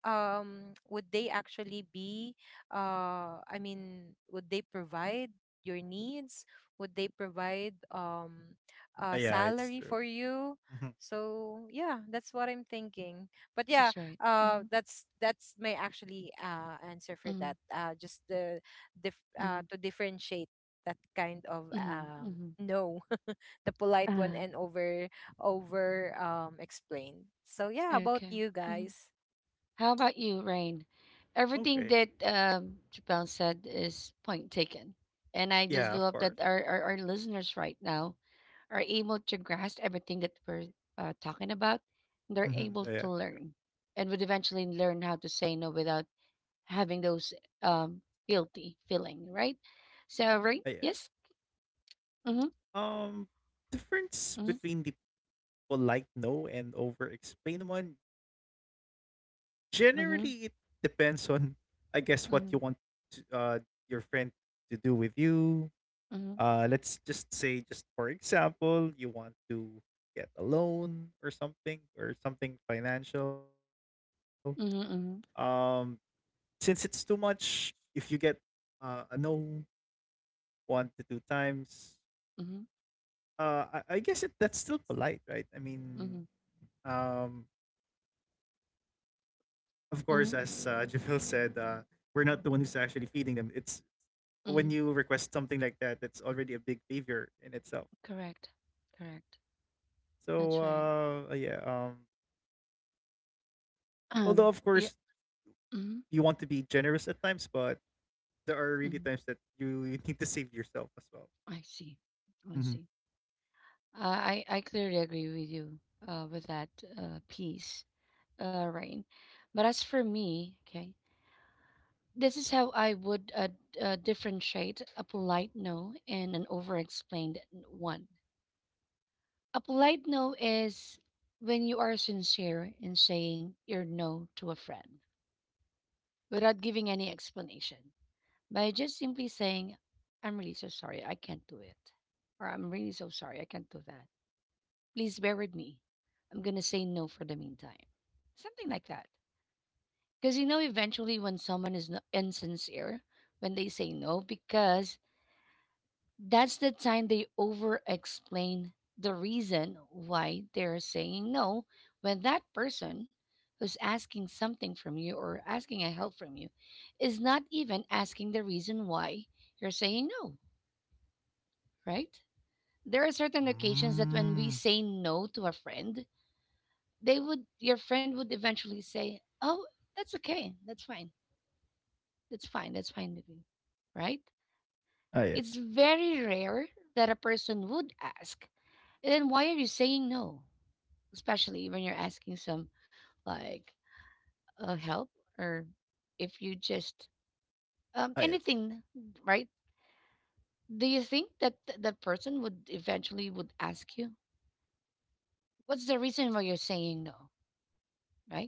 Speaker 2: would they actually be I mean, would they provide your needs? Would they provide a salary for
Speaker 3: Yeah,
Speaker 2: you?
Speaker 3: it's true.
Speaker 2: So
Speaker 3: Mhm.
Speaker 2: yeah, that's what I'm thinking. But yeah,
Speaker 1: That's right.
Speaker 2: that's my actually answer for
Speaker 1: Mhm.
Speaker 2: that. Just the
Speaker 1: Mhm,
Speaker 2: to differentiate that kind of
Speaker 1: mhm, mhm.
Speaker 2: no, the polite one
Speaker 1: Uh-huh.
Speaker 2: and over explained. So yeah, how about
Speaker 1: Okay.
Speaker 2: you
Speaker 1: Mhm.
Speaker 2: guys?
Speaker 1: How about you, Rain? Everything that
Speaker 3: Okay.
Speaker 1: Chappelle said is point taken, and I just do hope that our, our,
Speaker 3: Yeah, of
Speaker 1: our
Speaker 3: course.
Speaker 1: listeners right now are able to grasp everything that we're talking about. They're able to learn,
Speaker 3: Mhm. Yeah,
Speaker 1: and would
Speaker 3: true.
Speaker 1: eventually learn how to say no without having those um, guilty feeling, right? So, right? Yes.
Speaker 3: Yeah.
Speaker 1: Mm-hmm.
Speaker 3: Um,
Speaker 1: Mm-hmm.
Speaker 3: difference between the polite no and over explain one. Generally, it depends on, I guess, what
Speaker 1: Mm-hmm.
Speaker 3: you want to, your friend to do with you.
Speaker 1: Mm-hmm.
Speaker 3: Let's just say, just for example, you want to get a loan or something financial.
Speaker 1: Mm-hmm.
Speaker 3: Um,
Speaker 1: Mm-hmm.
Speaker 3: since it's too much, if you get a no one to two times.
Speaker 1: Mm-hmm.
Speaker 3: I guess that's still polite, right? I
Speaker 1: Mm-hmm.
Speaker 3: mean, um, of course, as
Speaker 1: Mm-hmm.
Speaker 3: Javil said, we're not the one who's actually feeding them. It's
Speaker 1: Mm-hmm.
Speaker 3: when you request something like that, that's already a big favor in itself.
Speaker 1: Correct, correct. That's right.
Speaker 3: So yeah. Although of
Speaker 1: Yeah.
Speaker 3: course
Speaker 1: Hmm.
Speaker 3: you want to be generous at times, but there
Speaker 1: Hmm.
Speaker 3: are really times that you need to save yourself
Speaker 1: I
Speaker 3: as well.
Speaker 1: see. I see.
Speaker 3: Mm-hmm.
Speaker 1: I clearly agree with you with that piece, Rain. But as for me, okay, this is how I would differentiate a polite no and an over-explained one. A polite no is when you are sincere in saying your no to a friend without giving any explanation. By just simply saying, I'm really so sorry, I can't do it. Or I'm really so sorry, I can't do that. Please bear with me. I'm going to say no for the meantime. Something like that. Because you know, eventually, when someone is insincere, when they say no, because that's the time they over explain the reason why they're saying no, when that person who's asking something from you or asking a help from you is not even asking the reason why you're saying no, right? There are certain occasions that when we
Speaker 3: Mm.
Speaker 1: say no to a friend, they would your friend would eventually say, "Oh, that's okay. That's fine. That's fine. That's fine with me." Right?
Speaker 3: Ah yeah.
Speaker 1: It's very rare that a person would ask, and, "Then why are you saying no?" Especially when you're asking some like help or if you just
Speaker 3: Ah yes.
Speaker 1: anything, right? Do you think that that person would eventually would ask you, "What's the reason why you're saying no?" Right?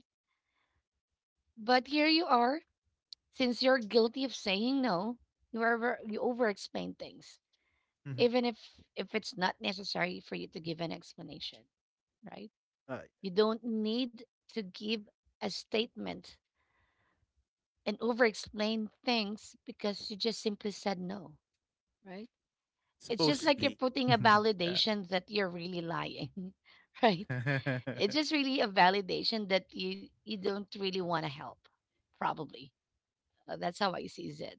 Speaker 1: But here you are, since you're guilty of saying no, you over-explain things,
Speaker 3: Mm-hmm.
Speaker 1: even if it's not necessary for you to give an explanation, right?
Speaker 3: Ah,
Speaker 1: You don't need to give a statement and over-explain things because you just simply said no, right? It's just like
Speaker 3: supposedly.
Speaker 1: you're putting a
Speaker 3: Yeah.
Speaker 1: validation that you're really lying, right? It's just really a validation that you don't really want to help, probably. That's how I see it.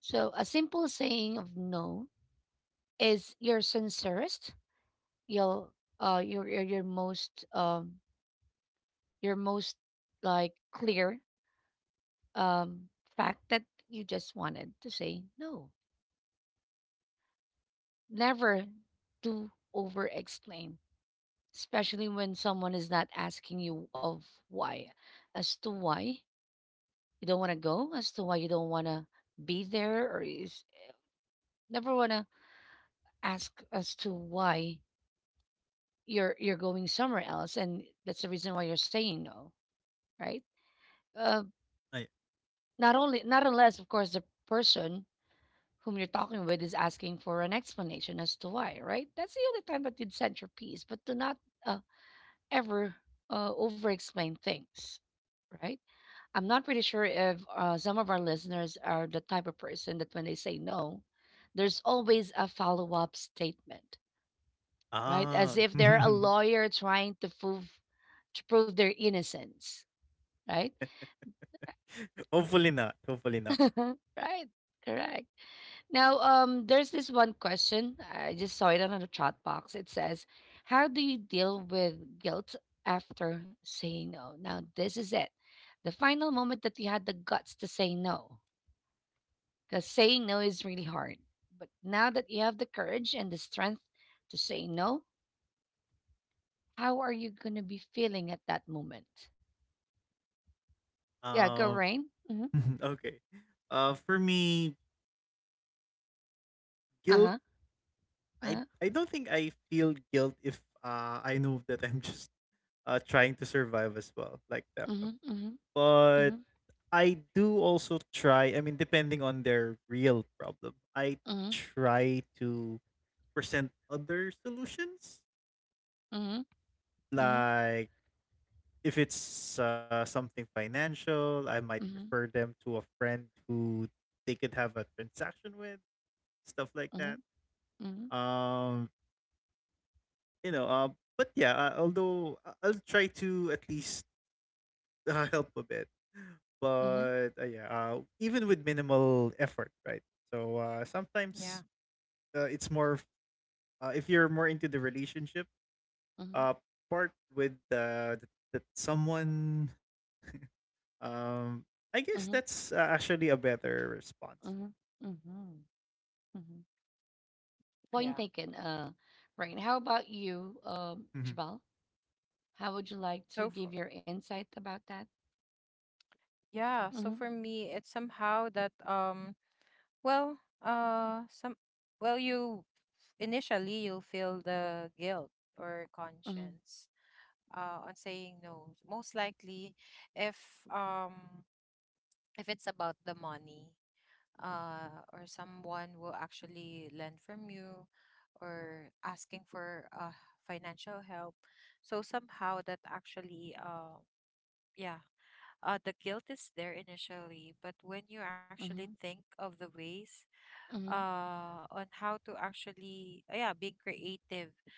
Speaker 1: So a simple saying of no is your sincerest, your your most your most like clear um fact that you just wanted to say no. Never do over explain, especially when someone is not asking you of why, as to why you don't want to go, as to why you don't want to be there, or is never want to ask as to why you're going somewhere else and that's the reason why you're saying no, right. uh,
Speaker 3: Ay,
Speaker 1: Not only, not unless of course the person whom you're talking with is asking for an explanation as to why, right? That's the only time that you'd send your piece, but do not uh, ever over explain things, right? I'm not pretty sure if some of our listeners are the type of person that when they say no, there's always a follow-up statement, right? As
Speaker 3: ah,
Speaker 1: if they're a lawyer trying to prove their innocence, right?
Speaker 3: hopefully not. Hopefully not.
Speaker 1: Right. Correct. Now, there's this one question. I just saw it on the chat box. It says, "How do you deal with guilt after saying no?" Now, this is it. The final moment that you had the guts to say no. Because saying no is really hard. But now that you have the courage and the strength to say no, how are you going to be feeling at that moment? Yeah, go,
Speaker 3: Um,
Speaker 1: Rain. Mm-hmm.
Speaker 3: okay. For me,
Speaker 1: Uh
Speaker 3: guilt.
Speaker 1: huh. Uh
Speaker 3: I
Speaker 1: huh.
Speaker 3: I don't think I feel guilt if I know that I'm just trying to survive as well, like
Speaker 1: Mm
Speaker 3: them.
Speaker 1: hmm. Mm hmm.
Speaker 3: But I do also try. I mean, depending on their real problem, I
Speaker 1: Mm hmm.
Speaker 3: try to present other solutions,
Speaker 1: Mm hmm.
Speaker 3: like if it's something financial, I
Speaker 1: Mm
Speaker 3: might
Speaker 1: hmm.
Speaker 3: refer them to a friend who they could have a transaction with, stuff like
Speaker 1: Mhm,
Speaker 3: that.
Speaker 1: mhm,
Speaker 3: Um, you know, but yeah, although I'll try to at least help a bit.
Speaker 1: mhm,
Speaker 3: But yeah, even with minimal effort, right? So
Speaker 2: Yeah.
Speaker 3: sometimes it's more of, if you're more into the relationship,
Speaker 1: mhm,
Speaker 3: uh, part with uh, th- that someone. Um, I guess that's
Speaker 1: mhm,
Speaker 3: actually a better response.
Speaker 1: mhm, mhm, mhm.
Speaker 2: Yeah.
Speaker 1: Point taken. Right. How about you,
Speaker 3: Mhm.
Speaker 1: Jabal? How would you like
Speaker 2: So
Speaker 1: to
Speaker 2: for
Speaker 1: give your insight about that?
Speaker 2: yeah, so for
Speaker 1: Mhm,
Speaker 2: me, it's somehow that well some well you initially you'll feel the guilt or
Speaker 1: mhm,
Speaker 2: conscience on saying no. Most likely if um if it's about the money, or someone will actually lend from you, or asking for financial help. So somehow that actually, yeah the guilt is there initially, but when you actually
Speaker 1: mhm,
Speaker 2: think of the ways
Speaker 1: mhm,
Speaker 2: on how to actually, yeah, being creative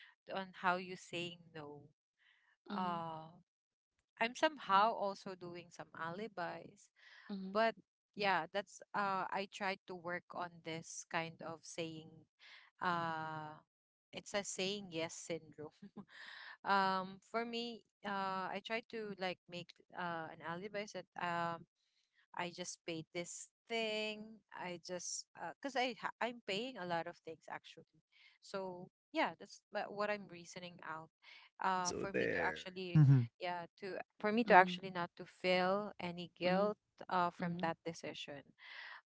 Speaker 2: on how you saying no.
Speaker 1: mhm,
Speaker 2: Uh, I'm somehow also doing some alibis, but
Speaker 1: mhm,
Speaker 2: yeah, that's I tried to work on this kind of saying. Uh, it's a saying yes syndrome. For me, I try to like make an alibi that I just paid this thing. I just, because I'm paying a lot of things actually. So yeah, that's what I'm reasoning out. Uh,
Speaker 3: So
Speaker 2: for me to
Speaker 3: there.
Speaker 2: actually
Speaker 3: Mhm.
Speaker 2: for me to
Speaker 1: mhm,
Speaker 2: actually not to feel any
Speaker 1: mhm,
Speaker 2: guilt from
Speaker 1: mhm,
Speaker 2: that decision.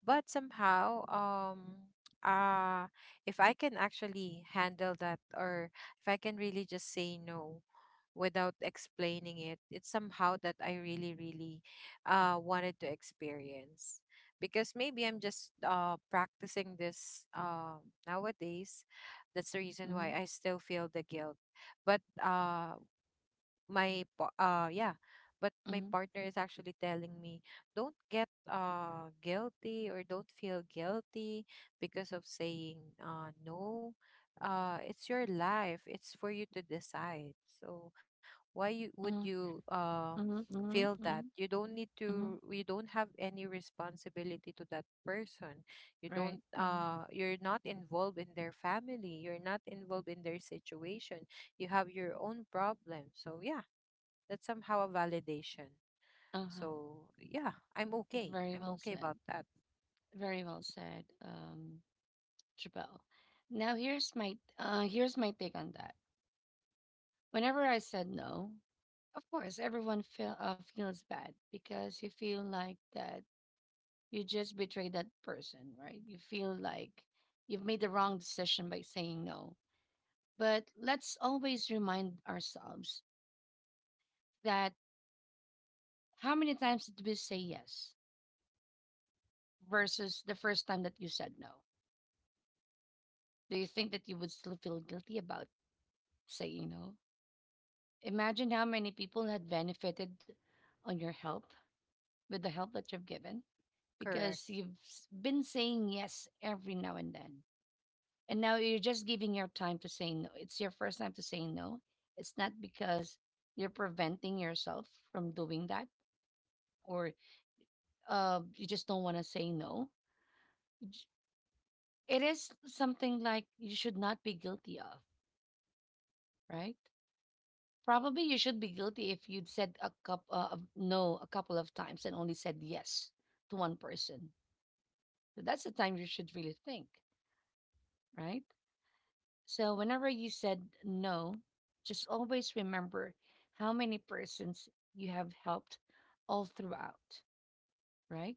Speaker 2: But somehow, uh, if I can actually handle that, or if I can really just say no without explaining it, it's somehow that I really, really wanted to experience. Because maybe I'm just practicing this nowadays. That's the reason
Speaker 1: mhm,
Speaker 2: why I still feel the guilt. But my pa- yeah but my
Speaker 1: mhm,
Speaker 2: partner is actually telling me, don't get guilty, or don't feel guilty because of saying no. It's your life, it's for you to decide. So would
Speaker 1: mhm,
Speaker 2: you
Speaker 1: mhm, mhm,
Speaker 2: feel that
Speaker 1: mhm,
Speaker 2: you don't need
Speaker 1: mhm.
Speaker 2: to, you don't have any responsibility to that person? You
Speaker 1: Right.
Speaker 2: don't,
Speaker 1: Mhm.
Speaker 2: you're not involved in their family, you're not involved in their situation. You have your own problem. So yeah, that's somehow a validation.
Speaker 1: Uh-huh.
Speaker 2: So yeah, I'm okay.
Speaker 1: Very
Speaker 2: I'm
Speaker 1: well
Speaker 2: okay
Speaker 1: said.
Speaker 2: about that.
Speaker 1: Very well said, Jabal. Now here's my take on that. Whenever I said no, of course, everyone feels bad because you feel like that you just betrayed that person, right? You feel like you've made the wrong decision by saying no. But let's always remind ourselves that how many times did we say yes versus the first time that you said no? Do you think that you would still feel guilty about saying no? Imagine how many people had benefited on your help with the help that you've given because
Speaker 2: Correct.
Speaker 1: you've been saying yes every now and then. And now you're just giving your time to say no. It's your first time to say no. It's not because you're preventing yourself from doing that or you just don't want to say no. You j- It is something like you should not be guilty of, right? Probably you should be guilty if you'd said a couple of no a couple of times and only said yes to one person. So that's the time you should really think, right? So whenever you said no, just always remember how many persons you have helped all throughout, right?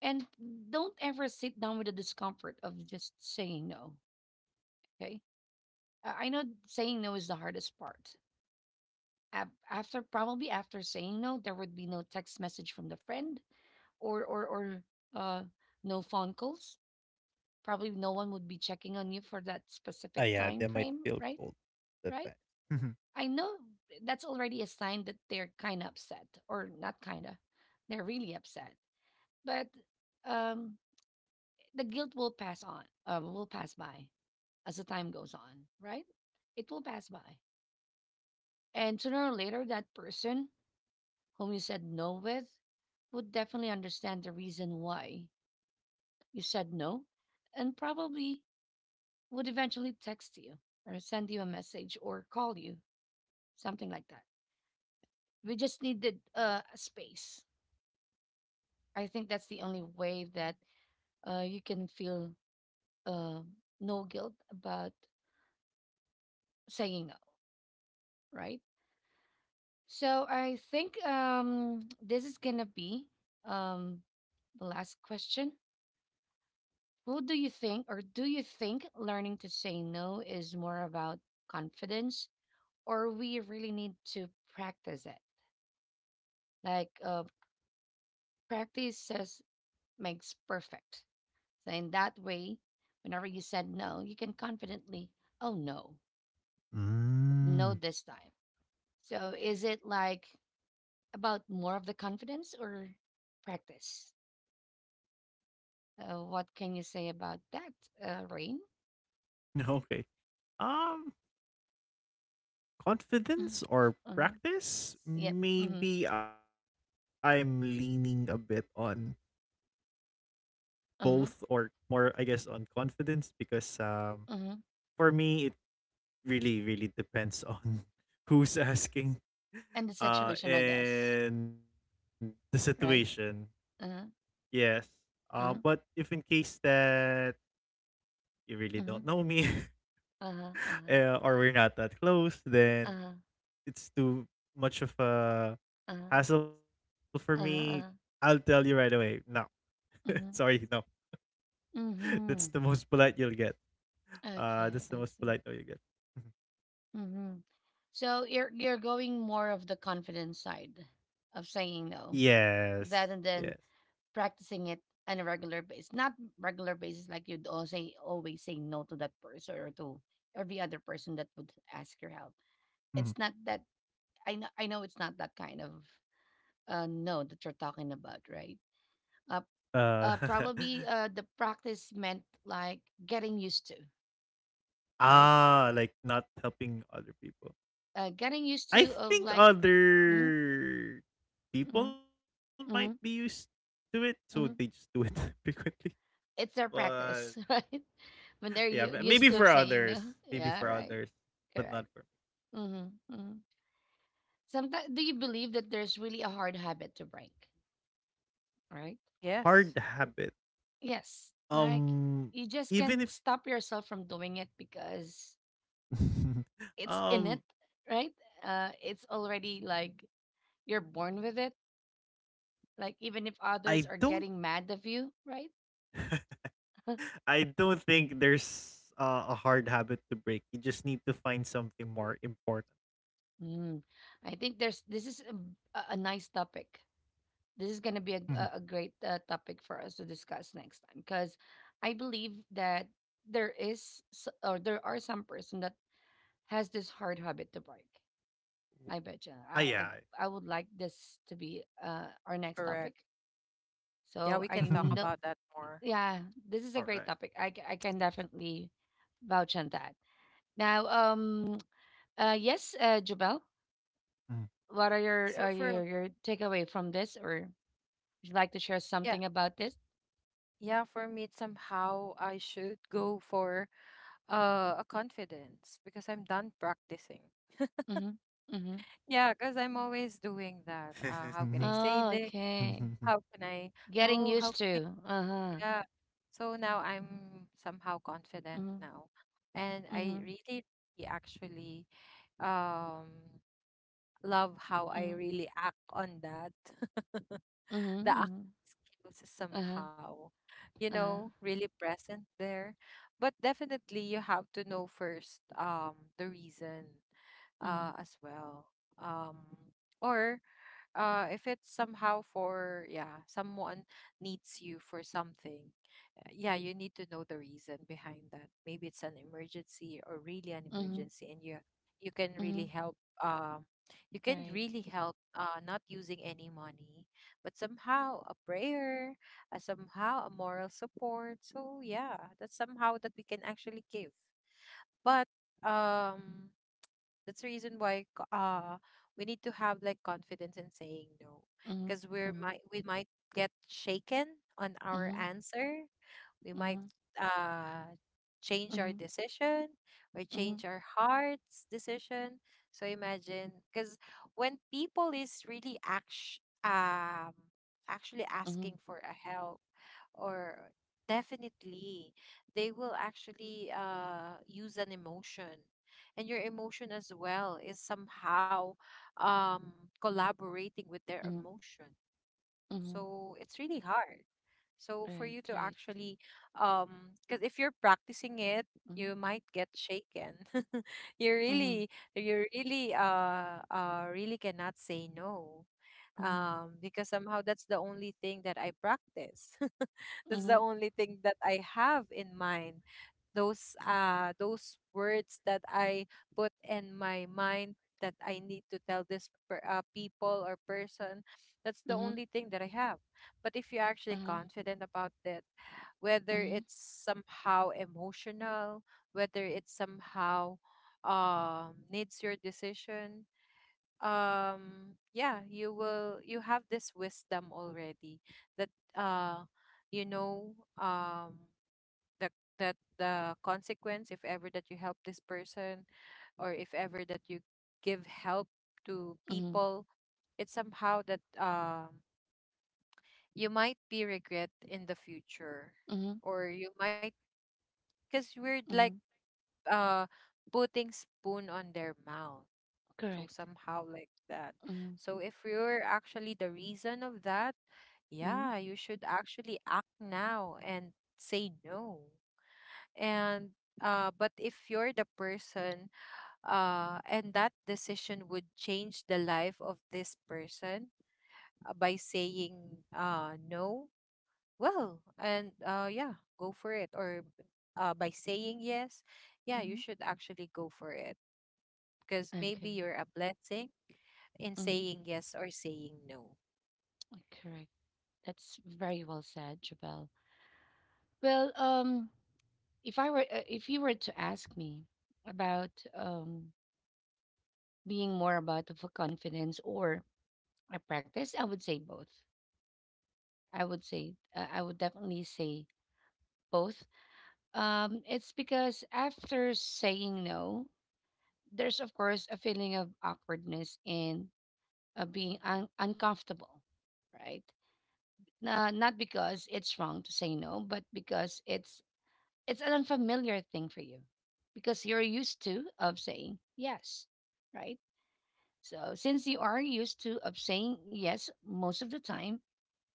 Speaker 1: And don't ever sit down with the discomfort of just saying no, okay? I know saying no is the hardest part. After probably after saying no, there would be no text message from the friend or uh no phone calls. Probably no one would be checking on you for that
Speaker 3: Ah,
Speaker 1: specific
Speaker 3: yeah,
Speaker 1: time
Speaker 3: they might
Speaker 1: frame,
Speaker 3: feel
Speaker 1: right?
Speaker 3: cold that
Speaker 1: Right?
Speaker 3: time. Mhm.
Speaker 1: I know that's already a sign that they're kind of upset, or not kind of, they're really upset. But um, the guilt will pass on, will pass by as the time goes on, right? It will pass by. And sooner or later, that person whom you said no with would definitely understand the reason why you said no and probably would eventually text you or send you a message or call you, something like that. We just needed a space. I think that's the only way that you can feel uh, no guilt about saying no, right? So I think this is gonna be um, the last question. Who do you think, or do you think learning to say no is more about confidence, or we really need to practice it? Like practice says makes perfect. So in that way, whenever you said no, you can confidently, oh no, no
Speaker 3: Mm.
Speaker 1: this time. So is it like about more of the confidence or practice? What can you say about that, Rain?
Speaker 3: Okay. Um,
Speaker 1: Mm,
Speaker 3: confidence or
Speaker 1: uh-huh.
Speaker 3: practice?
Speaker 1: Yep. Mm-hmm.
Speaker 3: Maybe I'm leaning a bit on both
Speaker 1: Uh-huh.
Speaker 3: or more, I guess, on confidence because
Speaker 1: Uh-huh.
Speaker 3: for me, it really, really depends on who's asking
Speaker 1: And the situation, I guess,
Speaker 3: and the situation.
Speaker 1: right? Uh-huh.
Speaker 3: Yes. But
Speaker 1: Uh-huh.
Speaker 3: if in case that you really don't
Speaker 1: Uh-huh.
Speaker 3: know me
Speaker 1: Uh-huh.
Speaker 3: or we're not that close, then
Speaker 1: Uh-huh.
Speaker 3: it's too much of a
Speaker 1: Uh-huh.
Speaker 3: hassle for me.
Speaker 1: Uh-huh.
Speaker 3: I'll
Speaker 1: Uh-huh.
Speaker 3: tell you right away. No.
Speaker 1: Mm-hmm.
Speaker 3: Sorry, no. That's
Speaker 1: Mm-hmm.
Speaker 3: the most polite you'll get. Uh,
Speaker 1: Okay,
Speaker 3: that's
Speaker 1: I
Speaker 3: the most
Speaker 1: see.
Speaker 3: polite no you get. Mhm.
Speaker 1: Mm-hmm. So you're going more of the confident side of saying no.
Speaker 3: Yes.
Speaker 1: That and
Speaker 3: Yes.
Speaker 1: then practicing it on a regular basis, not regular basis, like you'd all say, always say no to that person or to every other person that would ask your help. It's not
Speaker 3: Mm-hmm.
Speaker 1: that I know. I know it's not that kind of no that you're talking about, right? Uh,
Speaker 3: Uh
Speaker 1: probably the practice meant like getting used to, right?
Speaker 3: ah, like not helping other people.
Speaker 1: Getting used
Speaker 3: I
Speaker 1: to of
Speaker 3: think
Speaker 1: like, mm-hmm,
Speaker 3: other
Speaker 1: mm-hmm,
Speaker 3: people might be used
Speaker 1: mm-hmm,
Speaker 3: to it, so they just do
Speaker 1: mm-hmm.
Speaker 3: it frequently.
Speaker 1: It's their
Speaker 3: But
Speaker 1: practice, right? When they're
Speaker 3: yeah,
Speaker 1: used to of saying no. Yeah,
Speaker 3: maybe
Speaker 1: right.
Speaker 3: for others,
Speaker 1: Correct.
Speaker 3: but not for me.
Speaker 1: Mm-hmm, mm-hmm. Sometimes, do you believe that there's really a hard habit to break, right?
Speaker 3: Hard
Speaker 2: Yes,
Speaker 3: habit.
Speaker 1: Yes. Like, you just
Speaker 3: Um,
Speaker 1: can't stop
Speaker 3: even if
Speaker 1: yourself from doing it because it's in it, right?
Speaker 3: um,
Speaker 1: It's already like you're born with it. Like, even if others
Speaker 3: I
Speaker 1: are
Speaker 3: don't,
Speaker 1: getting mad of you, right?
Speaker 3: I don't think there's a hard habit to break. You just need to find something more important.
Speaker 1: Mm. I think there's this is a nice topic. This is going to be a, a a great topic for us to discuss next time because I believe that there is s- or there are some person that has this hard habit to break. I bet you. I
Speaker 3: Ah,
Speaker 1: would
Speaker 3: yeah.
Speaker 1: like this to be our next topic.
Speaker 2: correct. Yeah,
Speaker 1: So
Speaker 2: we
Speaker 1: I
Speaker 2: can talk
Speaker 1: know,
Speaker 2: about that more.
Speaker 1: yeah, this is a great topic.
Speaker 3: All right.
Speaker 1: I can definitely vouch on that. Now, yes, Jabel, what are your are
Speaker 2: So
Speaker 1: your
Speaker 2: for
Speaker 1: your takeaway from this, or would you like to share something
Speaker 2: yeah,
Speaker 1: about this?
Speaker 2: yeah, for me it's somehow I should go for a confidence, because I'm done practicing.
Speaker 1: Mm-hmm. Mm-hmm.
Speaker 2: Yeah, because I'm always doing that. How can I
Speaker 1: Oh,
Speaker 2: say this?
Speaker 1: okay.
Speaker 2: How can I?
Speaker 1: Getting
Speaker 2: Oh,
Speaker 1: used
Speaker 2: how can
Speaker 1: to.
Speaker 2: I?
Speaker 1: Uh huh.
Speaker 2: Yeah. So now I'm somehow
Speaker 1: Mm-hmm.
Speaker 2: confident now, and
Speaker 1: Mm-hmm.
Speaker 2: I really, really actually um love how I really act on that.
Speaker 1: Mm-hmm.
Speaker 2: The
Speaker 1: Mm-hmm.
Speaker 2: acting skills is
Speaker 1: Uh huh.
Speaker 2: somehow, you
Speaker 1: Uh huh.
Speaker 2: know, really present there. But definitely you have to know first the reason as well. Um or if it's somehow for, yeah, someone needs you for something. Yeah, you need to know the reason behind that. Maybe it's an emergency or really an
Speaker 1: Mm-hmm.
Speaker 2: emergency, and you can
Speaker 1: Mhm.
Speaker 2: really help. Um, you can
Speaker 1: Right.
Speaker 2: really help. Not using any money, but somehow a prayer, somehow a moral support. So yeah, that's somehow that we can actually give. But um, that's the reason why we need to have like confidence in saying no,
Speaker 1: Mhm.
Speaker 2: because we're
Speaker 1: Mhm.
Speaker 2: might we might get shaken on
Speaker 1: Mhm.
Speaker 2: our answer. We
Speaker 1: Mhm.
Speaker 2: might uh change
Speaker 1: Mhm.
Speaker 2: our decision or
Speaker 1: Mhm.
Speaker 2: change our heart's decision. So imagine, because when people is really actually
Speaker 1: Mhm.
Speaker 2: asking for a help, or definitely they will actually use an emotion, and your emotion as well is somehow um collaborating with their
Speaker 1: Mhm.
Speaker 2: emotion.
Speaker 1: Mhm.
Speaker 2: So it's really hard, so for you
Speaker 1: Right.
Speaker 2: to
Speaker 1: Right.
Speaker 2: actually, because if you're practicing it,
Speaker 1: Mhm.
Speaker 2: you might get shaken. you
Speaker 1: Mhm.
Speaker 2: really, you really, really cannot say no.
Speaker 1: Mhm.
Speaker 2: Because somehow that's the only thing that I practice. That's the
Speaker 1: Mhm.
Speaker 2: only thing that I have in mind. Those words that I put in my mind that I need to tell this people or person. That's the
Speaker 1: Mhm.
Speaker 2: only thing that I have. But if you're actually
Speaker 1: Uh-huh.
Speaker 2: confident about it, whether
Speaker 1: Mhm.
Speaker 2: it's somehow emotional, whether it somehow needs your decision, yeah, you will. You have this wisdom already that, uh, you know um, the the consequence if ever that you help this person, or if ever that you give help to
Speaker 1: Mhm.
Speaker 2: people. It's somehow that you might be regret in the future,
Speaker 1: Mhm.
Speaker 2: or you might, because we're like
Speaker 1: Mhm.
Speaker 2: uh putting spoon on their mouth, so
Speaker 1: Correct.
Speaker 2: somehow like that.
Speaker 1: Mhm.
Speaker 2: So if you're actually the reason of that,
Speaker 1: Mhm.
Speaker 2: yeah, you should actually act now and say no. And but if you're the person, and that decision would change the life of this person, by saying no, well, and yeah, go for it. Or by saying yes, yeah, you
Speaker 1: Mhm.
Speaker 2: should actually go for it, because maybe
Speaker 1: Okay.
Speaker 2: you're a blessing in
Speaker 1: Mhm.
Speaker 2: saying yes or saying no.
Speaker 1: Correct. That's very well said, Jabel. Well, if you were to ask me about being more about of a confidence or a practice, I would say both. I would definitely say both. It's because after saying no, there's of course a feeling of awkwardness and being uncomfortable, right? Not because it's wrong to say no, but because it's an unfamiliar thing for you, because you're used to of saying yes, right? So since you are used to of saying yes most of the time,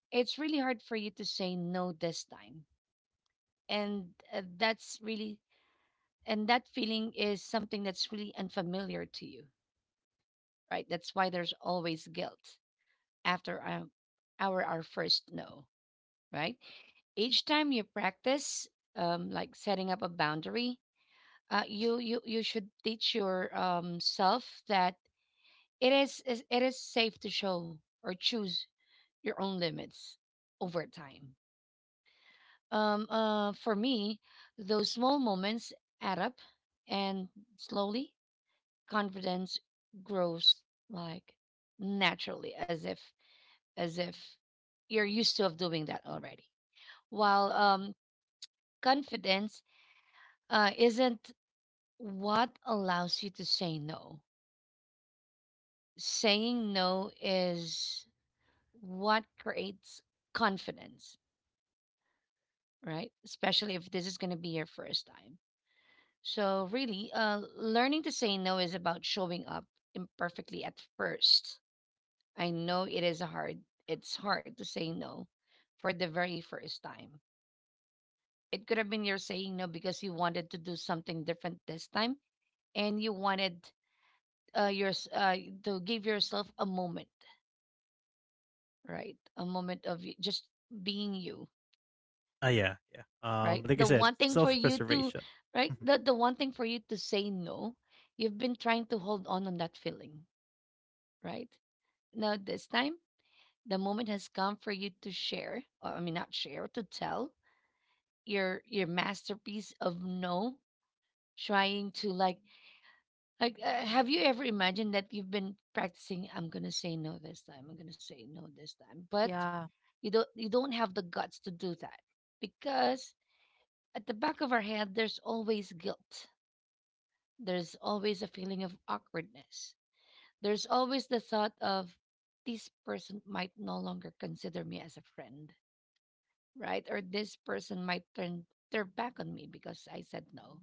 Speaker 1: it's really hard for you to say no this time and that's really and that feeling is something that's really unfamiliar to you, right? That's why there's always guilt after our first no, right? Each time you practice like setting up a boundary, you should teach your self that it is safe to show or choose your own limits over time. For me, those small moments add up, and slowly confidence grows, like naturally, as if you're used to of doing that already. While confidence isn't what allows you to say no. Saying no is what creates confidence, right? Especially if this is going to be your first time. So, really, learning to say no is about showing up imperfectly at first. I know it is hard. It's hard to say no for the very first time. It could have been you're saying no because you wanted to do something different this time, and you wanted uh, your, s- uh, to give yourself a moment, right? A moment of just being you,
Speaker 3: Ah, yeah, yeah.
Speaker 1: right?
Speaker 3: Like I
Speaker 1: The
Speaker 3: said,
Speaker 1: one thing for you to,
Speaker 3: self-preservation.
Speaker 1: right?
Speaker 3: Mhm,
Speaker 1: The one thing for you to say no, you've been trying to hold on that feeling, right? Now, this time, the moment has come for you to share, or I mean, not share, to tell your masterpiece of no. Trying to like, have you ever imagined that you've been practicing? I'm gonna say no this time. I'm gonna say no this time, but
Speaker 2: Yeah,
Speaker 1: you don't have the guts to do that because at the back of our head, there's always guilt. There's always a feeling of awkwardness. There's always the thought of, this person might no longer consider me as a friend, right? Or this person might turn their back on me because I said no.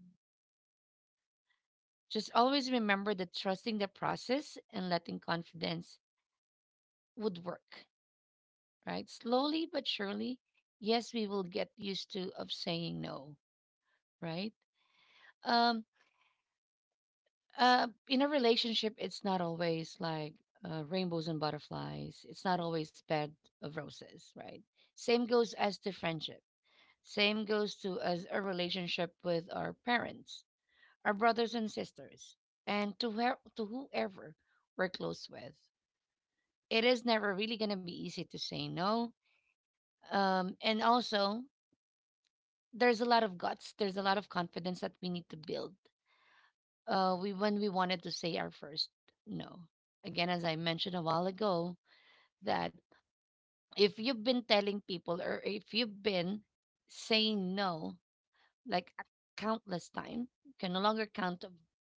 Speaker 1: Just always remember that trusting the process and letting confidence would work, right? Slowly but surely, yes, we will get used to of saying no, right? Um, in a relationship, it's not always like rainbows and butterflies. It's not always bed of roses, right? Same goes as to friendship. Same goes to as a relationship with our parents, our brothers and sisters, and to, where, to whoever we're close with. It is never really going to be easy to say no. And also, there's a lot of guts, there's a lot of confidence that we need to build, when we wanted to say our first no. Again, as I mentioned a while ago, that if you've been telling people or if you've been saying no like a countless time, you can no longer count of,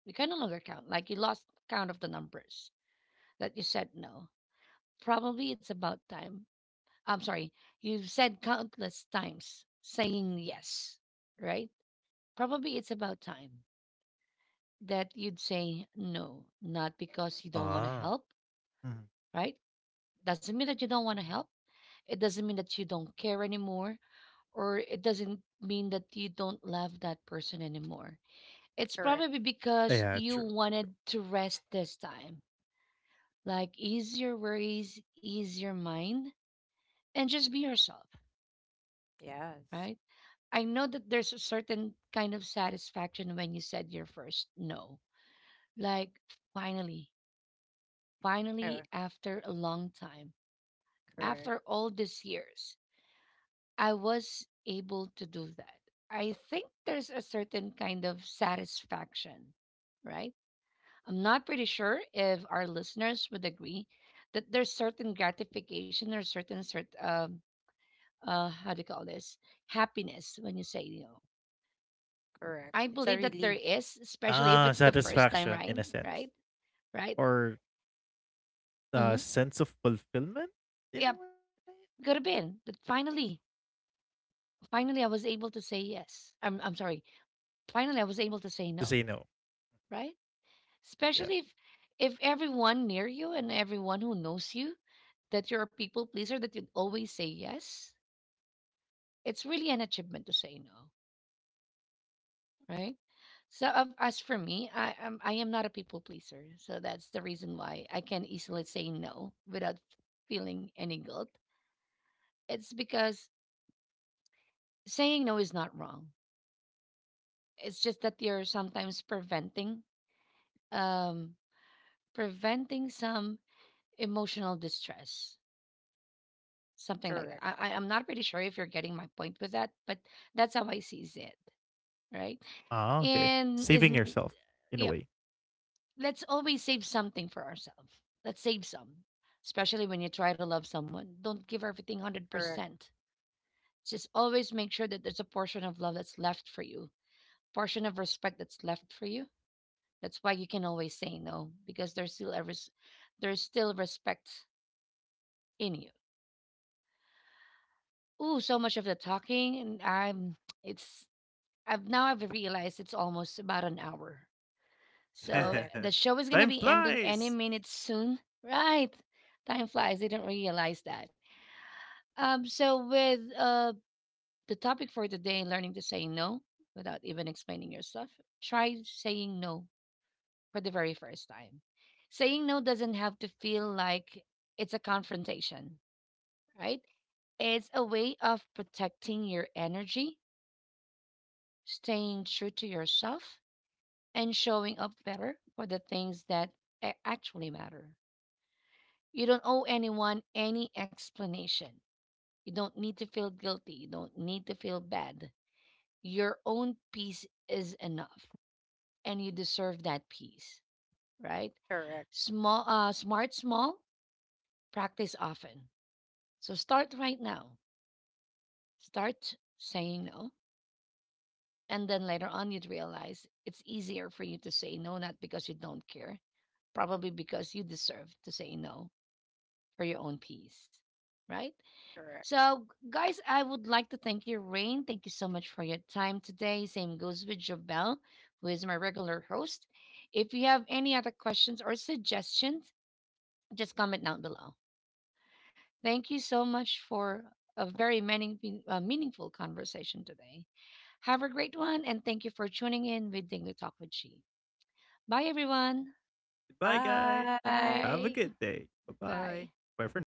Speaker 1: you can no longer count, like you lost count of the numbers that you said no. Probably it's about time. I'm sorry, you've said countless times saying yes, right? Probably it's about time that you'd say no, not because you don't want to
Speaker 3: ah,
Speaker 1: help,
Speaker 3: mhm.
Speaker 1: right? Doesn't mean that you don't want to help. It doesn't mean that you don't care anymore, or it doesn't mean that you don't love that person anymore. It's
Speaker 2: correct.
Speaker 1: probably because
Speaker 3: Yeah,
Speaker 1: you
Speaker 3: true.
Speaker 1: wanted to rest this time. Like, ease your worries, ease your mind, and just be yourself.
Speaker 2: Yes.
Speaker 1: Right? I know that there's a certain kind of satisfaction when you said your first no. Like, finally, finally,
Speaker 2: Oh,
Speaker 1: after a long time, after
Speaker 2: correct.
Speaker 1: all these years, I was able to do that. I think there's a certain kind of satisfaction, right? I'm not pretty sure if our listeners would agree that there's certain gratification or certain, how do you call this? Happiness when you say no.
Speaker 2: Correct.
Speaker 1: I
Speaker 2: It's a
Speaker 1: believe that
Speaker 2: relief.
Speaker 1: there is, especially if
Speaker 3: Ah,
Speaker 1: it's the first time,
Speaker 3: satisfaction in
Speaker 1: right?
Speaker 3: a sense.
Speaker 1: Right? Right?
Speaker 3: Or
Speaker 1: Mm-hmm.
Speaker 3: sense of fulfillment in a
Speaker 1: Yep.
Speaker 3: way.
Speaker 1: Could have been that. Finally, finally, I was able to say yes. I'm sorry. Finally, I was able to
Speaker 3: To say
Speaker 1: say
Speaker 3: no.
Speaker 1: no, right?
Speaker 3: Yeah.
Speaker 1: Especially if everyone near you and everyone who knows you that you're a people pleaser, that you'd always say yes, it's really an achievement to say no. Right? So of as for me, I am not a people pleaser, so that's the reason why I can easily say no without feeling any guilt. It's because saying no is not wrong. It's just that you're sometimes preventing um preventing some emotional distress, something like
Speaker 2: Correct.
Speaker 1: that. I'm not pretty sure if you're getting my point with that, but that's how I sees it, right?
Speaker 3: Ah, okay.
Speaker 1: And
Speaker 3: Saving
Speaker 1: isn't,
Speaker 3: yourself in a way.
Speaker 1: yep. Let's always save something for ourselves. Let's save some, especially when you try to love someone. Don't give everything
Speaker 2: Correct.
Speaker 1: 100%. Just always make sure that there's a portion of love that's left for you, portion of respect that's left for you. That's why you can always say no because there's still respect in you. Ooh, so much of the talking and I'm, it's, I've realized it's almost about an hour. So eh,
Speaker 2: Correct.
Speaker 1: the show is going to
Speaker 3: Time
Speaker 1: be ending any
Speaker 3: flies.
Speaker 1: minute soon. Right. Time flies. I didn't realize that. So with the topic for today, learning to say no without even explaining yourself, try saying no for the very first time. Saying no doesn't have to feel like it's a confrontation, right? It's a way of protecting your energy, staying true to yourself, and showing up better for the things that actually matter. You don't owe anyone any explanation. You don't need to feel guilty. You don't need to feel bad. Your own peace is enough, and you deserve that peace, right?
Speaker 2: Correct.
Speaker 1: Small, smart, small, practice often. So start right now. Start saying no, and then later on you'd realize it's easier for you to say no, not because you don't care, probably because you deserve to say no for your own peace, right?
Speaker 2: Correct.
Speaker 1: So, guys, I would like to thank you, Rain. Thank you so much for your time today. Same goes with Jabel, who is my regular host. If you have any other questions or suggestions, just comment down below. Thank you so much for a very many meaningful conversation today. Have a great one, and thank you for tuning in with Dingo Talk with She. Bye, everyone.
Speaker 3: Bye, guys.
Speaker 2: Bye.
Speaker 3: Have a
Speaker 1: Bye.
Speaker 3: good day. Bye bye.
Speaker 1: Bye.
Speaker 3: Bye for now.